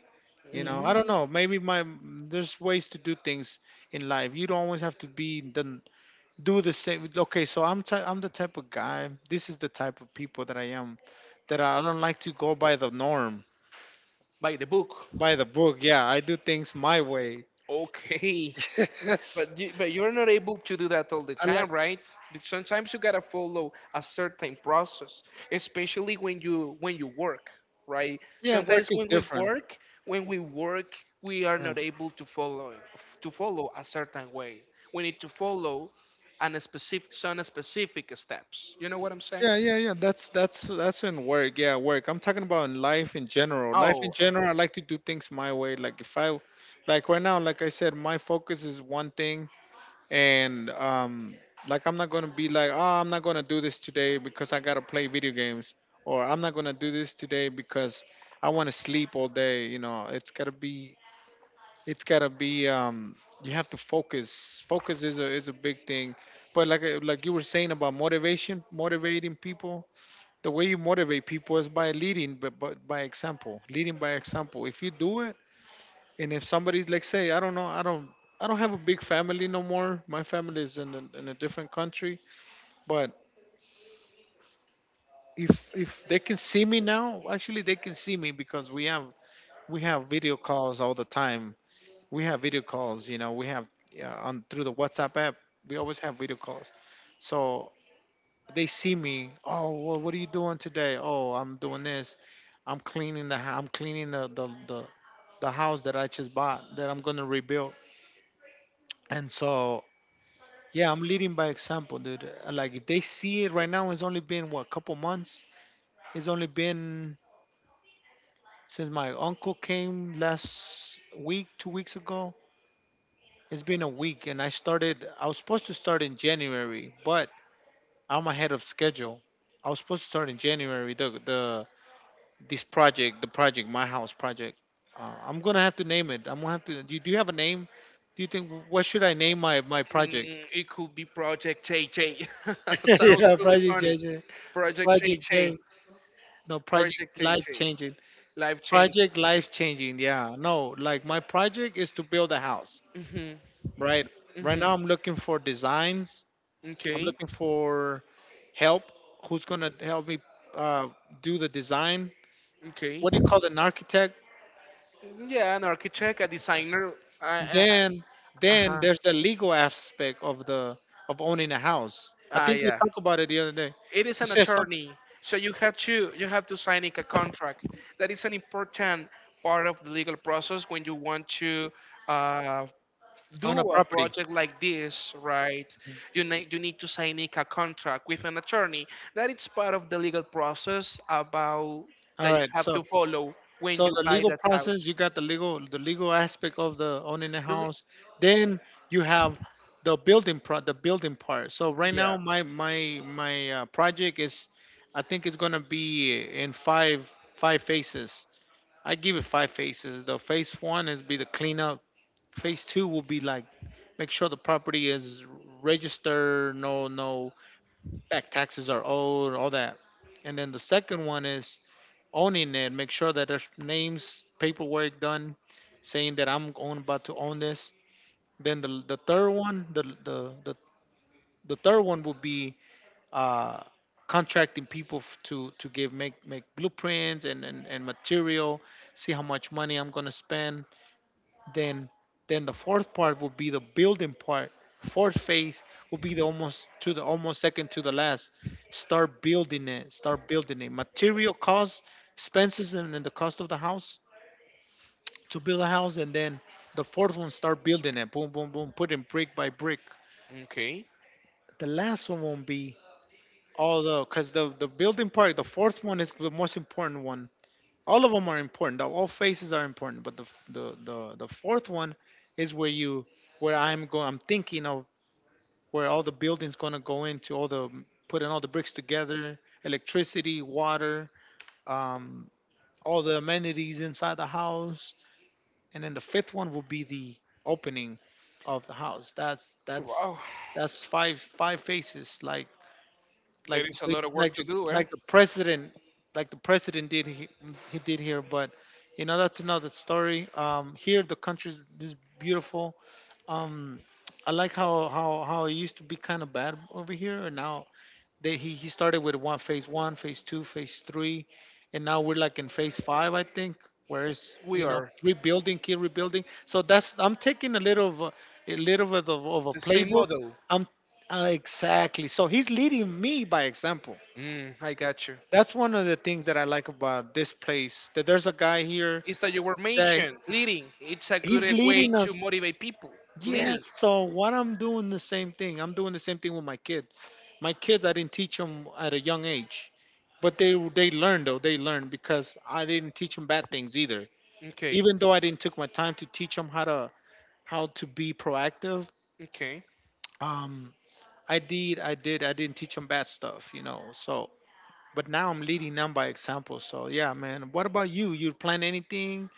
Speaker 2: I don't
Speaker 1: Mm,
Speaker 2: know. Maybe my there's ways to do things in life. You don't always have to be the do the same. Okay, so I'm the type of guy. This is the type of people that I am. That I don't like to go by the norm,
Speaker 1: by the book.
Speaker 2: by the book. Yeah, I do things my way.
Speaker 1: Okay.
Speaker 2: Yes,
Speaker 1: But you, but you're not able to do that all the
Speaker 2: I like.
Speaker 1: time, right? But sometimes you gotta follow a certain process, especially when you work, right?
Speaker 2: Yeah, work
Speaker 1: Sometimes
Speaker 2: is
Speaker 1: when we
Speaker 2: different.
Speaker 1: work, when we work, we are
Speaker 2: Yeah,
Speaker 1: not able to follow a certain way. We need to follow an specific some specific steps. You know what I'm saying?
Speaker 2: yeah, yeah, yeah. That's in work. Yeah, work. I'm talking about in life in general. Life in
Speaker 1: Oh, uh,
Speaker 2: general, I like to do things my way. Like if I, like right now, like I said, my focus is one thing. And like I'm not gonna be like, oh, I'm not gonna do this today because I gotta play video games, or I'm not gonna do this today because I want to sleep all day. You know, it's gotta be, it's gotta be. You have to focus. Focus is a big thing. But like you were saying about motivation, motivating people. The way you motivate people is by leading, but by example, leading by example. If you do it, and if somebody's like, say, I don't know, I don't have a big family no more. My family is in a different country. But if they can see me now, actually they can see me because we have video calls all the time. We have video calls. We have on through the WhatsApp app. We always have video calls. So they see me. Oh, well, what are you doing today? Oh, I'm doing this. I'm cleaning I'm cleaning the house that I just bought that I'm gonna rebuild. And so, yeah, I'm leading by example, dude. Like if they see it right now. It's only been, what, couple months. It's only been since my uncle came last week, 2 weeks ago. It's been a week, and I started. I was supposed to start in January, but I'm ahead of schedule. I was supposed to start in January. The this project, the project, my house project. I'm gonna have to name it. I'm gonna have to. Do you have a name? Do you think, what should I name my project?
Speaker 1: it could be Project JJ. Sounds
Speaker 2: Yeah,
Speaker 1: really
Speaker 2: Project
Speaker 1: funny.
Speaker 2: JJ.
Speaker 1: Project
Speaker 2: Project
Speaker 1: JJ.
Speaker 2: J. No, project
Speaker 1: Project
Speaker 2: life
Speaker 1: JJ.
Speaker 2: changing.
Speaker 1: Life changing.
Speaker 2: Project life changing. Yeah. No, like my project is to build a house, right? Right
Speaker 1: Hmm.
Speaker 2: now, I'm looking for designs. I'm
Speaker 1: Okay.
Speaker 2: looking for help. Who's going to help me uh, do the design?
Speaker 1: Okay.
Speaker 2: What do you call an architect?
Speaker 1: Yeah, an architect, a designer. Uh, uh,
Speaker 2: Then, then
Speaker 1: uh-huh.
Speaker 2: there's the legal aspect of owning a house. I
Speaker 1: Ah,
Speaker 2: think we
Speaker 1: yeah.
Speaker 2: talked about it the other day.
Speaker 1: It is
Speaker 2: You
Speaker 1: an
Speaker 2: said something
Speaker 1: attorney, so you have to sign a contract. That is an important part of the legal process when you want to uh,
Speaker 2: on a
Speaker 1: do a
Speaker 2: property.
Speaker 1: project like this, right? You need to sign a contract with an attorney. That is part of the legal process about
Speaker 2: All
Speaker 1: that you
Speaker 2: right.
Speaker 1: have
Speaker 2: So
Speaker 1: to follow when
Speaker 2: So
Speaker 1: you
Speaker 2: the
Speaker 1: buy
Speaker 2: legal
Speaker 1: that house.
Speaker 2: process, you got the legal aspect of the owning the
Speaker 1: The le-
Speaker 2: house. Then you have the building part. So right
Speaker 1: yeah.
Speaker 2: now my project is, I think it's gonna be in five phases. I give it five phases. The phase one is be the cleanup. Phase two will be like, make sure the property is registered, no back taxes are owed, all that. And then the second one is owning it. Make sure that there's names, paperwork done, saying that I'm going about to own this. Then the third one would be uh, contracting people to give make make blueprints and material. See how much money I'm gonna spend. Then then the fourth part would be the building part. Fourth phase would be the almost to the almost second to the last. Start building it. Material costs, expenses, and then the cost of the house to build a house, and then the fourth one, start building it, boom, boom, boom, putting brick by brick.
Speaker 1: Okay.
Speaker 2: The last one won't be all the, because the building part, the fourth one, is the most important one. All of them are important. All phases are important, but the f- the fourth one is where I'm thinking of where all the buildings gonna go into, all the putting all the bricks together, electricity, water, um all the amenities inside the house. And then the fifth one will be the opening of the house. That's that's
Speaker 1: Wow,
Speaker 2: that's five faces, like
Speaker 1: there is a
Speaker 2: they-
Speaker 1: lot of work
Speaker 2: like
Speaker 1: to
Speaker 2: the
Speaker 1: do, eh?
Speaker 2: like the president like the president did, he did here. But you know that's another story. Here the country is beautiful. Um, I like how it used to be kind of bad over here, and now they he started with one, phase one, phase two, phase three, and now we're like in phase five, I think, where it's
Speaker 1: We are
Speaker 2: rebuilding, keep rebuilding. So that's I'm taking a little of a little bit of a
Speaker 1: the same
Speaker 2: playbook.
Speaker 1: model.
Speaker 2: I'm exactly. So he's leading me by example.
Speaker 1: Mm, I got you.
Speaker 2: That's one of the things that I like about this place. That there's a guy here
Speaker 1: It's that you were
Speaker 2: that
Speaker 1: mentioned leading. It's a good
Speaker 2: he's
Speaker 1: way
Speaker 2: leading
Speaker 1: to
Speaker 2: us.
Speaker 1: motivate people.
Speaker 2: Yes.
Speaker 1: Leading.
Speaker 2: So what I'm doing the same thing. I'm doing the same thing with my kids. My kids, I didn't teach them at a young age, but they learned, though, they learned because I didn't teach them bad things either,
Speaker 1: Okay.
Speaker 2: even though I didn't took my time to teach them how to be proactive.
Speaker 1: Okay.
Speaker 2: Um i did i did i didn't teach them bad stuff, so. But now I'm leading them by example. So yeah, man, what about you plan anything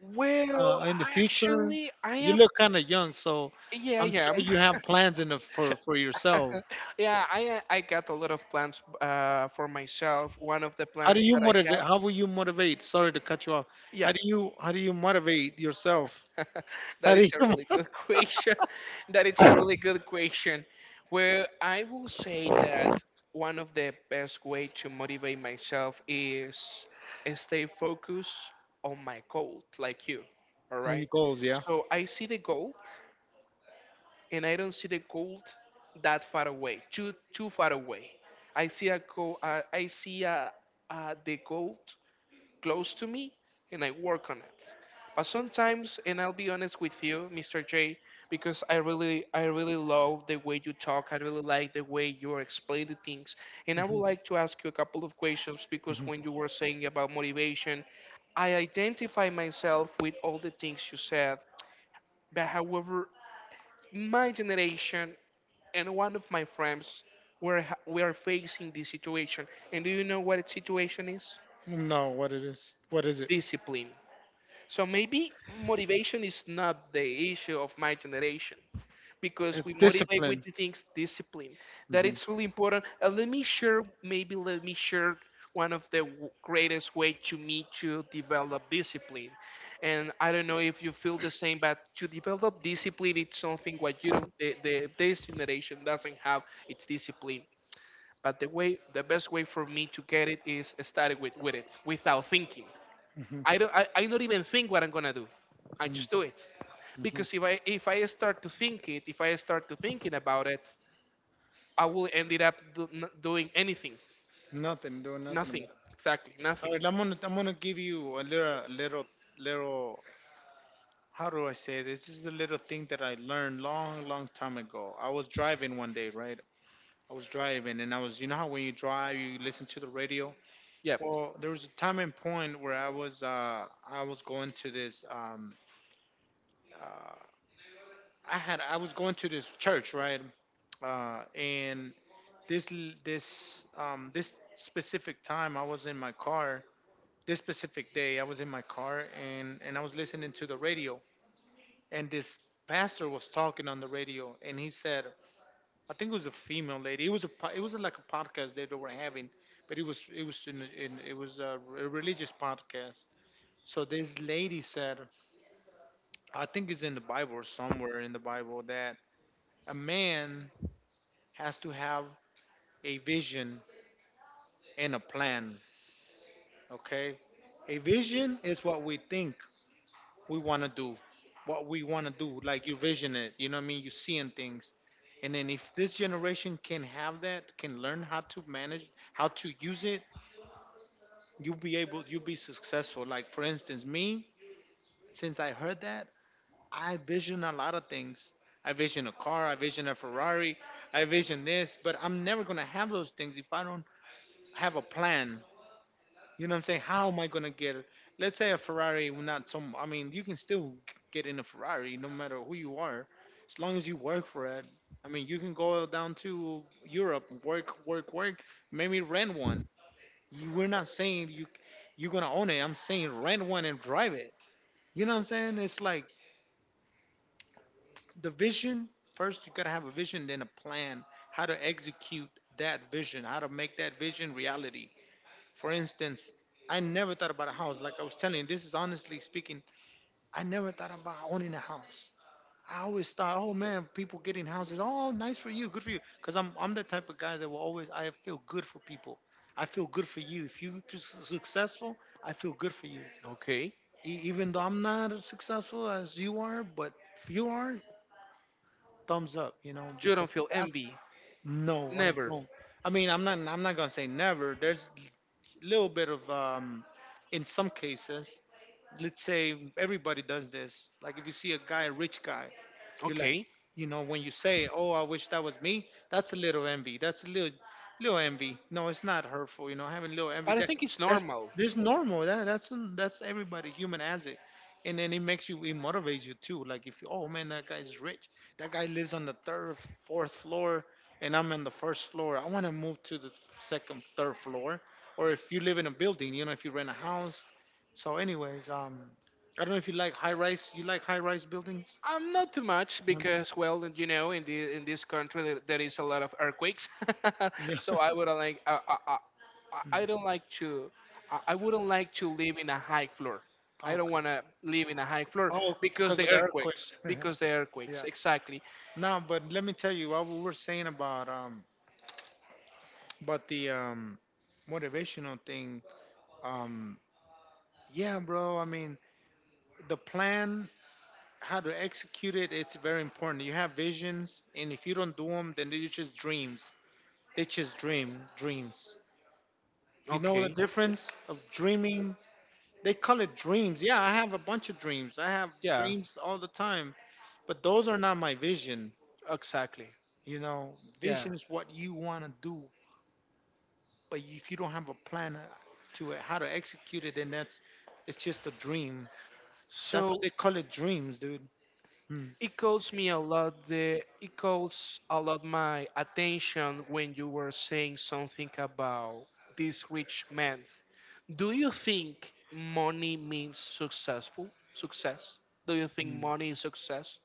Speaker 1: Well,
Speaker 2: in the future?
Speaker 1: actually, I
Speaker 2: You
Speaker 1: am.
Speaker 2: look kind of young, so
Speaker 1: Yeah, I
Speaker 2: I'm sure
Speaker 1: am.
Speaker 2: you have plans in the, for yourself.
Speaker 1: Yeah, I got a lot of plans for myself. One of the
Speaker 2: How do
Speaker 1: plans
Speaker 2: you
Speaker 1: that I
Speaker 2: motivate?
Speaker 1: have.
Speaker 2: How will you motivate? Sorry to cut you off.
Speaker 1: Yeah.
Speaker 2: How do you motivate yourself? How
Speaker 1: That
Speaker 2: do you
Speaker 1: it's a really
Speaker 2: mo-
Speaker 1: good question. That it's a really good question. Where I will say that one of the best way to motivate myself is stay focused on my goal, like you. All
Speaker 2: how you
Speaker 1: right.
Speaker 2: goals? Yeah.
Speaker 1: So I see the goal, and I don't see the goal that far away, too far away. I see a goal. I see a, the goal close to me and I work on it. But sometimes, and I'll be honest with you, Mr. J, because I really love the way you talk. I really like the way you explain the things. And I would like to ask you a couple of questions because when you were saying about motivation, I identify myself with all the things you said. But however, my generation and one of my friends were we are facing this situation. And do you know what the situation is?
Speaker 2: No, what it is? What is it?
Speaker 1: Discipline. So maybe motivation is not the issue of my generation because
Speaker 2: It's
Speaker 1: we motivate with
Speaker 2: discipline.
Speaker 1: the things discipline that
Speaker 2: Mhm,
Speaker 1: it's really important. And let me share one of the greatest way to me to develop discipline. And I don't know if you feel the same, but to develop discipline it's something what you don't, the this generation doesn't have, it's discipline. But the best way for me to get it is starting with it without thinking.
Speaker 2: mhm,
Speaker 1: I don't, I not even think what I'm gonna do. I just
Speaker 2: mhm.
Speaker 1: do it. Because if I start to think it, if I start to thinking about it, I will end it up doing anything.
Speaker 2: Nothing, doing nothing about
Speaker 1: Nothing.
Speaker 2: it.
Speaker 1: Exactly.
Speaker 2: All
Speaker 1: Nothing.
Speaker 2: right, I'm gonna give you a little little little. How do I say this? This is a little thing that I learned long long time ago. I was driving one day, right? I was driving and I was you know how when you drive you listen to the radio.
Speaker 1: Yep.
Speaker 2: Well, there was a time and point where uh I was going to this church, right? And this l- this this specific time I was in my car, this specific day I was in my car and I was listening to the radio, and this pastor was talking on the radio and he said, I think it was a female lady. It was like a podcast that they were having, but it was a religious podcast. So this lady said, I think it's in the Bible or somewhere in the Bible, that a man has to have a vision and a plan. Okay? A vision is what we think we want to do, what we want to do. Like you vision it, you know what I mean? You're seeing things. And then if this generation can have that, can learn how to manage, how to use it, you'll be able, you'll be successful. Like for instance, me, since I heard that, I vision a lot of things. I vision a car, I vision a Ferrari, I vision this, but I'm never going to have those things if I don't have a plan. You know what I'm saying? How am I going to get it? Let's say a Ferrari, will not some, I mean, you can still get in a Ferrari no matter who you are, as long as you work for it. I mean, you can go down to Europe, work, work, work, maybe rent one. You, we're not saying you're going to own it. I'm saying rent one and drive it. You know what I'm saying? It's like, the vision first, you got to have a vision, then a plan, how to execute that vision, how to make that vision reality. For instance, I never thought about a house. Like I was telling you, this is honestly speaking, I never thought about owning a house. I always thought, oh man, people getting houses, oh, nice for you, good for you. Because I'm the type of guy that will always, I feel good for people, I feel good for you if you're successful, I feel good for you.
Speaker 1: Okay.
Speaker 2: Even though I'm not as successful as you are, but if you are, thumbs up, you know,
Speaker 1: You
Speaker 2: because
Speaker 1: don't feel
Speaker 2: that's.
Speaker 1: envy.
Speaker 2: No, I
Speaker 1: Never.
Speaker 2: don't. I mean, I'm not. I'm not gonna say never. There's a little bit of, in some cases, let's say everybody does this. Like if you see a guy, a rich guy, you're like,
Speaker 1: Okay.
Speaker 2: you know, when you say, "Oh, I wish that was me," that's a little envy. That's a little, little envy. No, it's not hurtful. You know, having a little envy,
Speaker 1: But I think it's
Speaker 2: that's
Speaker 1: normal.
Speaker 2: that's normal. That's everybody. Human has it, and then it makes you, it motivates you too. Like if you, oh man, that guy's rich. That guy lives on the third, fourth floor, and I'm on the first floor. I want to move to the second, third floor. Or if you live in a building, you know, if you rent a house. So, anyways, I don't know if you like high rise. You like high rise buildings?
Speaker 1: Not too much because, well, you know, in the in this country there is a lot of earthquakes,
Speaker 2: Yeah.
Speaker 1: so I wouldn't like I don't like to I wouldn't like to live in a high floor. I don't
Speaker 2: Okay.
Speaker 1: want to live in a high floor
Speaker 2: Oh,
Speaker 1: because
Speaker 2: because
Speaker 1: the
Speaker 2: of the
Speaker 1: earthquakes.
Speaker 2: earthquakes.
Speaker 1: Because the earthquakes,
Speaker 2: Yeah.
Speaker 1: exactly.
Speaker 2: No, but let me tell you what we were saying about the motivational thing. Um yeah, bro. I mean, the plan, how to execute it, it's very important. You have visions, and if you don't do them, then they're just dreams. They just dream dreams. You know the
Speaker 1: Okay.
Speaker 2: difference of dreaming? They call it dreams. Yeah, I have a bunch of dreams. I have
Speaker 1: Yeah.
Speaker 2: dreams all the time, but those are not my vision.
Speaker 1: Exactly.
Speaker 2: You know,
Speaker 1: Yeah.
Speaker 2: vision is what you want to do, but if you don't have a plan to it, how to execute it, then that's it's just a dream. That's what
Speaker 1: So
Speaker 2: they call it, dreams, dude. Mm.
Speaker 1: it calls me a lot the it calls a lot my attention when you were saying something about this rich man. Do you think money means successful? Success? Do you think
Speaker 2: Mm.
Speaker 1: money is success?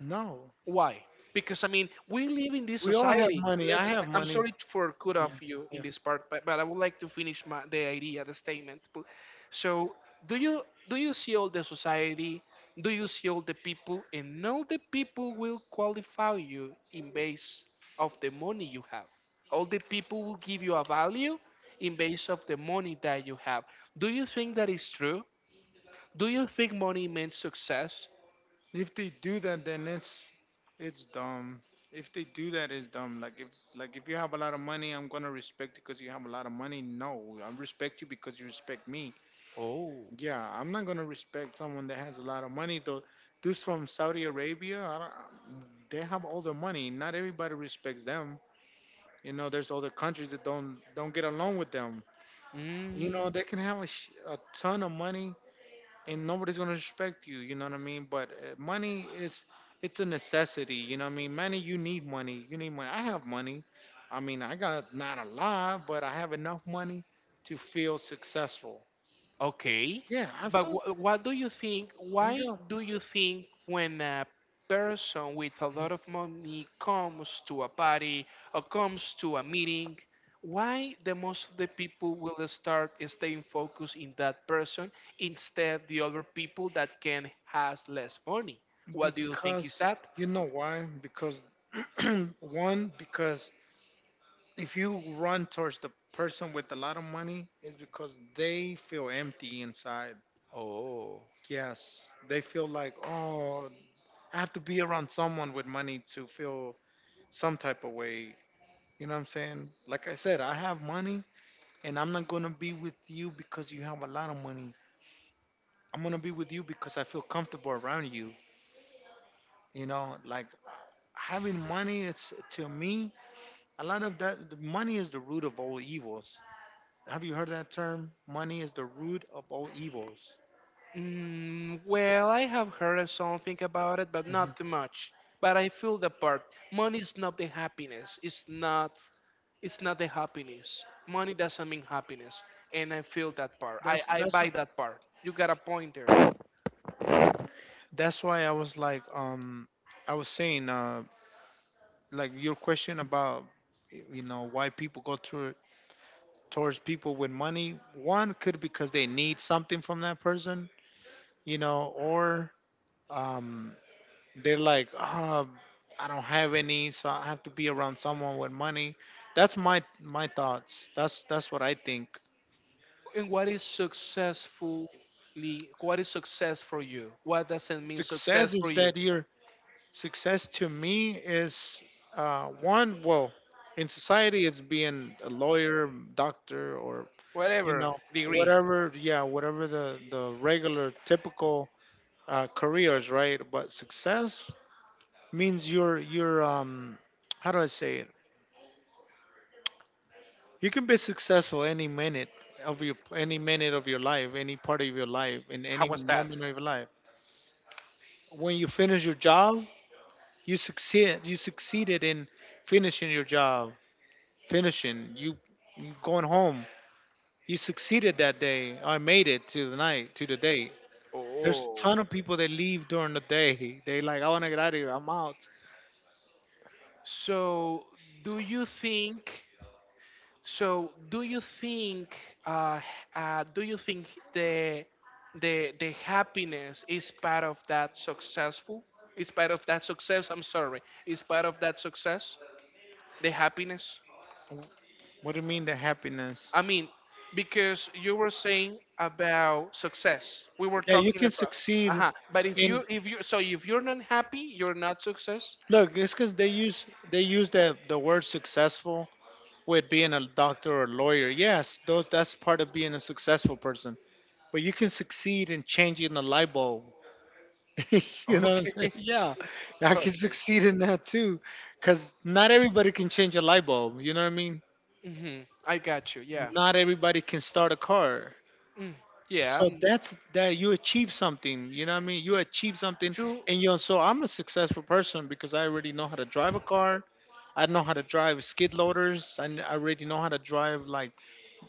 Speaker 2: No,
Speaker 1: Why? Because I mean, we live in this
Speaker 2: we all have
Speaker 1: society.
Speaker 2: money.
Speaker 1: Let,
Speaker 2: I have
Speaker 1: I'm
Speaker 2: money.
Speaker 1: sorry for cut
Speaker 2: Yeah,
Speaker 1: off you
Speaker 2: yeah.
Speaker 1: in this part, but I would like to finish my, the idea, the statement. So, do you see all the society? Do you see all the people? And all the people will qualify you in base of the money you have. All the people will give you a value in base of the money that you have. Do you think that is true? Do you think money means success?
Speaker 2: If they do that, then it's dumb. If they do that, it's dumb. Like if you have a lot of money, I'm gonna respect you because you have a lot of money. No, I respect you because you respect me.
Speaker 1: Oh.
Speaker 2: Yeah, I'm not gonna respect someone that has a lot of money. Though, dudes from Saudi Arabia, I don't, they have all the money. Not everybody respects them. You know, there's other countries that don't get along with them. You
Speaker 1: Mm.
Speaker 2: know, they can have a ton of money and nobody's gonna respect you. You know what I mean? But money is it's a necessity. You know what I mean? Money, you need money. You need money. I have money. I mean, I got not a lot, but I have enough money to feel successful.
Speaker 1: Okay,
Speaker 2: Yeah, I
Speaker 1: but
Speaker 2: feel.
Speaker 1: what do you think? Why do you think when a person with a lot of money comes to a party or comes to a meeting, why the most of the people will start staying focused in that person instead the other people that can has less money? What do you think is
Speaker 2: Because
Speaker 1: that?
Speaker 2: you know why? Because one, because if you run towards the person with a lot of money, it's because they feel empty inside.
Speaker 1: Oh.
Speaker 2: Yes, they feel like, oh, I have to be around someone with money to feel some type of way. You know what I'm saying? Like I said, I have money and I'm not going to be with you because you have a lot of money. I'm going to be with you because I feel comfortable around you. You know, like having money, it's, to me, a lot of that, the money is the root of all evils. Have you heard that term? Money is the root of all evils.
Speaker 1: Mm, well, I have heard something about it, but
Speaker 2: Hmm.
Speaker 1: not too much. But I feel the part. Money is not the happiness. It's not. It's not the happiness. Money doesn't mean happiness, and I feel that part.
Speaker 2: That's
Speaker 1: I
Speaker 2: that's
Speaker 1: buy
Speaker 2: why,
Speaker 1: that part. You got a point there.
Speaker 2: that's why I was like, I was saying, like, your question about, you know, why people go to towards people with money. One could, because they need something from that person, you know, or um they're like, I don't have any, so I have to be around someone with money. That's my thoughts. That's what I think.
Speaker 1: And what is successfully? What is success for you? What does not mean
Speaker 2: Success
Speaker 1: success
Speaker 2: is
Speaker 1: for you?
Speaker 2: that year. Success to me is, one, well, in society, it's being a lawyer, doctor, or, you
Speaker 1: Whatever
Speaker 2: know,
Speaker 1: degree.
Speaker 2: whatever, yeah, whatever the regular, typical, careers, right? But success means how do I say it? You can be successful any minute of your life, any part of your life, in
Speaker 1: How
Speaker 2: any
Speaker 1: was that?
Speaker 2: moment of your life. When you finish your job, you succeeded in finishing your job, finishing, you going home, you succeeded that day. I made it to the night, to the day. There's a
Speaker 1: Oh.
Speaker 2: ton of people that leave during the day. They like, I want to get out of here, I'm out.
Speaker 1: So, do you think? So, uh, do you think the the happiness is part of that successful? Is part of that success? I'm sorry. Is part of that success the happiness?
Speaker 2: What do you mean the
Speaker 1: I
Speaker 2: happiness?
Speaker 1: mean, because you were saying about success, we were
Speaker 2: Yeah, you
Speaker 1: talking
Speaker 2: can
Speaker 1: about.
Speaker 2: succeed
Speaker 1: Uh huh. But
Speaker 2: in,
Speaker 1: if you, so if you're not happy, you're not success.
Speaker 2: look, it's because they use the word successful with being a doctor or a lawyer. Yes, those, that's part of being a successful person, but you can succeed in changing the light bulb. You know what I'm saying?
Speaker 1: Okay.
Speaker 2: Yeah, I can
Speaker 1: Okay.
Speaker 2: succeed in that too. Because not everybody can change a light bulb. You know what I mean?
Speaker 1: Hmm. I got you. Yeah.
Speaker 2: Not everybody can start a car.
Speaker 1: Mm. Yeah.
Speaker 2: So that's that, you achieve something. You know what I mean? You achieve something.
Speaker 1: You
Speaker 2: And you so I'm a successful person because I already know how to drive a car. I know how to drive skid loaders. I already know how to drive like,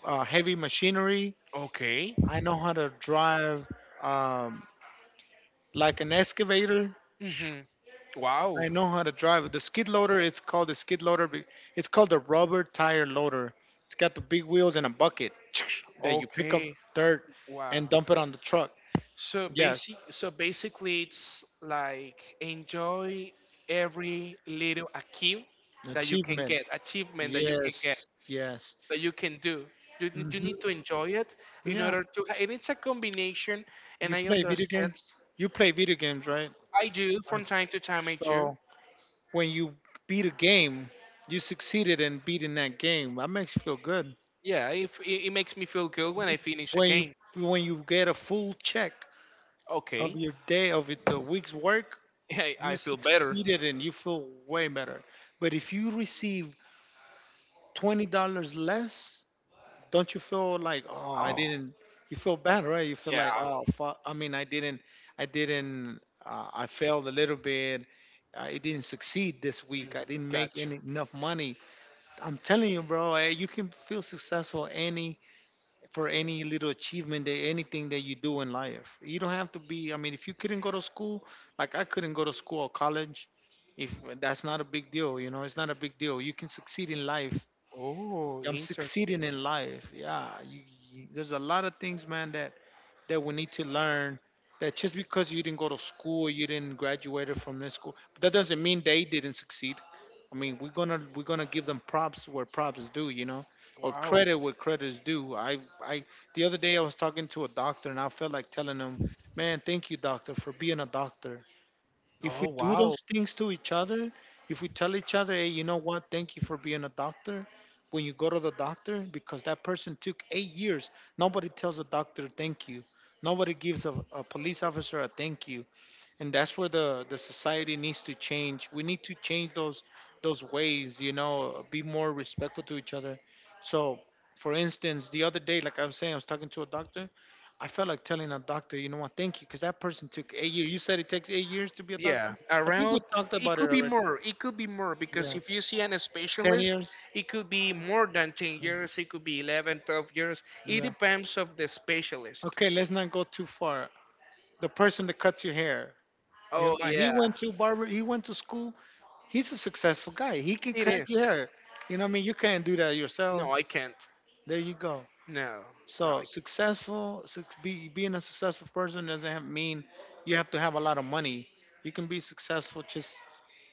Speaker 2: heavy machinery.
Speaker 1: okay?
Speaker 2: I know how to drive, um, like an excavator.
Speaker 1: Mm-hmm. Wow.
Speaker 2: I know how to drive. The skid loader, it's called the skid loader. It's called the rubber tire loader. It's got the big wheels and a bucket that you pick up
Speaker 1: Okay.
Speaker 2: dirt
Speaker 1: Wow.
Speaker 2: and dump it on the truck.
Speaker 1: So
Speaker 2: Yes,
Speaker 1: basically, it's like enjoy every little
Speaker 2: achievement.
Speaker 1: achievement that you can get,
Speaker 2: Yes, yes.
Speaker 1: that you can do. You
Speaker 2: hmm
Speaker 1: need to enjoy it in
Speaker 2: Yeah,
Speaker 1: order to. And it's a combination.
Speaker 2: you
Speaker 1: And I
Speaker 2: play video
Speaker 1: understand.
Speaker 2: games. You play video games, right?
Speaker 1: I do
Speaker 2: Right.
Speaker 1: from time to time. I do.
Speaker 2: So when you beat a game, you succeeded in beating that game. That makes you feel good.
Speaker 1: Yeah. If it, it makes me feel good when I finish a
Speaker 2: When you
Speaker 1: game.
Speaker 2: when you get a full check of
Speaker 1: Okay.
Speaker 2: your day, of the week's work, you
Speaker 1: I feel better.
Speaker 2: succeeded and you feel way better. But if you receive $20 less, don't you feel like, oh I
Speaker 1: Oh.
Speaker 2: didn't? You feel bad, right? You feel
Speaker 1: Yeah.
Speaker 2: like, oh fuck. I mean, I didn't. I didn't. I failed a little bit. I didn't succeed this week.
Speaker 1: Mm,
Speaker 2: I didn't make
Speaker 1: gotcha.
Speaker 2: any enough money. I'm telling you, bro. You can feel successful any for any little achievement, that anything that you do in life. You don't have to be. I mean, if you couldn't go to school, like I couldn't go to school or college, if that's not a big deal, you know, it's not a big deal. You can succeed in life.
Speaker 1: Oh,
Speaker 2: I'm
Speaker 1: interesting.
Speaker 2: succeeding in life. Yeah, there's a lot of things, man, that we need to learn, that just because you didn't go to school, you didn't graduate from this school, but that doesn't mean they didn't succeed. I mean, we're gonna give them props where props is due, you know, or
Speaker 1: Wow.
Speaker 2: credit where credit is due. I the other day I was talking to a doctor and I felt like telling him, man, thank you, doctor, for being a doctor. If
Speaker 1: Oh,
Speaker 2: we do
Speaker 1: wow.
Speaker 2: those things to each other, if we tell each other, hey, you know what, thank you for being a doctor, when you go to the doctor, because that person took 8 years, nobody tells a doctor thank you. Nobody gives a police officer a thank you, and that's where the society needs to change. We need to change those ways, you know, be more respectful to each other. So for instance, the other day, like I was saying, I was talking to a doctor, I felt like telling a doctor, you know what, thank you, because that person took 8 years. You said it takes 8 years to be a doctor.
Speaker 1: Yeah,
Speaker 2: I think we
Speaker 1: around
Speaker 2: talked
Speaker 1: it
Speaker 2: about
Speaker 1: could
Speaker 2: it
Speaker 1: be
Speaker 2: already.
Speaker 1: more. It could be more because
Speaker 2: Yeah,
Speaker 1: if you see an
Speaker 2: 10
Speaker 1: specialist,
Speaker 2: years.
Speaker 1: it could be more than 10
Speaker 2: Yeah.
Speaker 1: years, it could be 11, 12 years. It
Speaker 2: Yeah.
Speaker 1: depends of the specialist.
Speaker 2: Okay, let's not go too far. The person that cuts your hair, you
Speaker 1: Oh
Speaker 2: know, he
Speaker 1: yeah,
Speaker 2: went to barber, he went to school. He's a successful guy. He can
Speaker 1: it
Speaker 2: cut
Speaker 1: is.
Speaker 2: your hair. You know what I mean? You can't do that yourself.
Speaker 1: No, I can't.
Speaker 2: There you go.
Speaker 1: No. No,
Speaker 2: So
Speaker 1: I can't.
Speaker 2: successful, being a successful person doesn't mean you have to have a lot of money. You can be successful just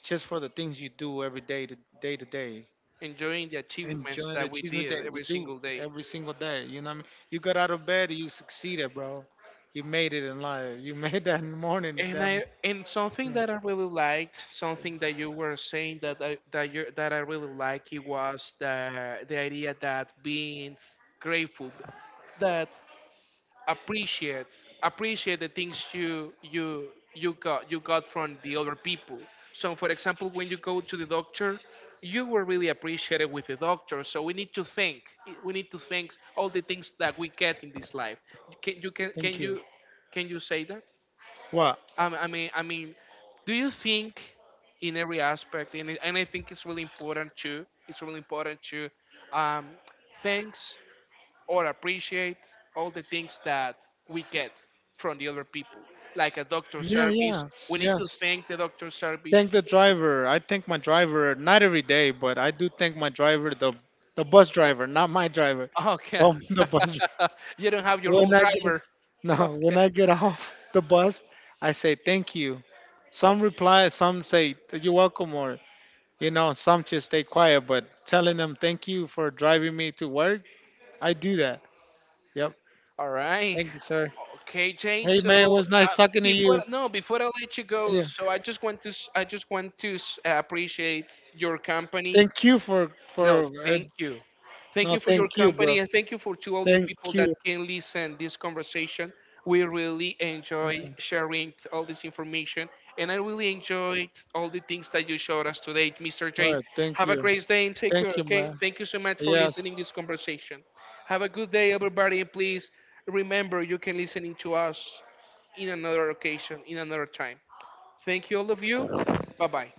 Speaker 2: just for the things you do every day, to day, to day.
Speaker 1: Enjoying the achievements
Speaker 2: Enjoying the
Speaker 1: that we
Speaker 2: achievement
Speaker 1: did
Speaker 2: that we
Speaker 1: every
Speaker 2: do
Speaker 1: single day.
Speaker 2: every single day. You know what I mean? You got out of bed, you succeeded, bro. You made it in life. You made that in the morning.
Speaker 1: And
Speaker 2: Damn.
Speaker 1: I and something that I really liked, something that you that I really like, it was the idea that being grateful, that appreciate appreciate the things you got from the other people. So, for example, when you go to the doctor, you were really appreciated with the doctor. So we need to thank all the things that we get in this life. Can you
Speaker 2: Thank you.
Speaker 1: can you say that?
Speaker 2: What?
Speaker 1: I mean, do you think in every aspect, and, and I think it's really important too. It's really important to um, thanks or appreciate all the things that we get from the other people, like a doctor
Speaker 2: Yeah,
Speaker 1: service.
Speaker 2: yes,
Speaker 1: We need to
Speaker 2: yes.
Speaker 1: thank the doctor service.
Speaker 2: Thank the driver. I thank my driver not every day, but I do thank my driver, the bus driver, not my driver.
Speaker 1: Okay,
Speaker 2: The bus.
Speaker 1: you don't have your own
Speaker 2: When I get
Speaker 1: driver.
Speaker 2: no, when I get off the bus, I say thank you. Some reply, some say you're welcome, or you know, some just stay quiet. But telling them thank you for driving me to work, I do that. Yep.
Speaker 1: All right.
Speaker 2: Thank you, sir.
Speaker 1: Okay, Jay.
Speaker 2: Hey man,
Speaker 1: So
Speaker 2: it was
Speaker 1: uh,
Speaker 2: nice talking to
Speaker 1: before
Speaker 2: you.
Speaker 1: no, before I let you go,
Speaker 2: Yeah.
Speaker 1: so I just want to I just want to appreciate your company.
Speaker 2: Thank you
Speaker 1: No,
Speaker 2: for
Speaker 1: thank you. Thank
Speaker 2: no,
Speaker 1: you for
Speaker 2: thank
Speaker 1: your
Speaker 2: you, bro.
Speaker 1: company and thank you for to all the
Speaker 2: Thank
Speaker 1: people that
Speaker 2: you.
Speaker 1: can listen this conversation. We really enjoy sharing all this information and I really enjoyed all the things that you showed us today, Mr.
Speaker 2: All
Speaker 1: J.
Speaker 2: right. Thank
Speaker 1: Have a
Speaker 2: you.
Speaker 1: great day and take care,
Speaker 2: Thank you,
Speaker 1: okay?
Speaker 2: man.
Speaker 1: Thank you so much for listening
Speaker 2: Yes.
Speaker 1: this conversation. Have a good day everybody and please remember you can listening to us in another occasion, in another time. Thank you all of you. Bye-bye.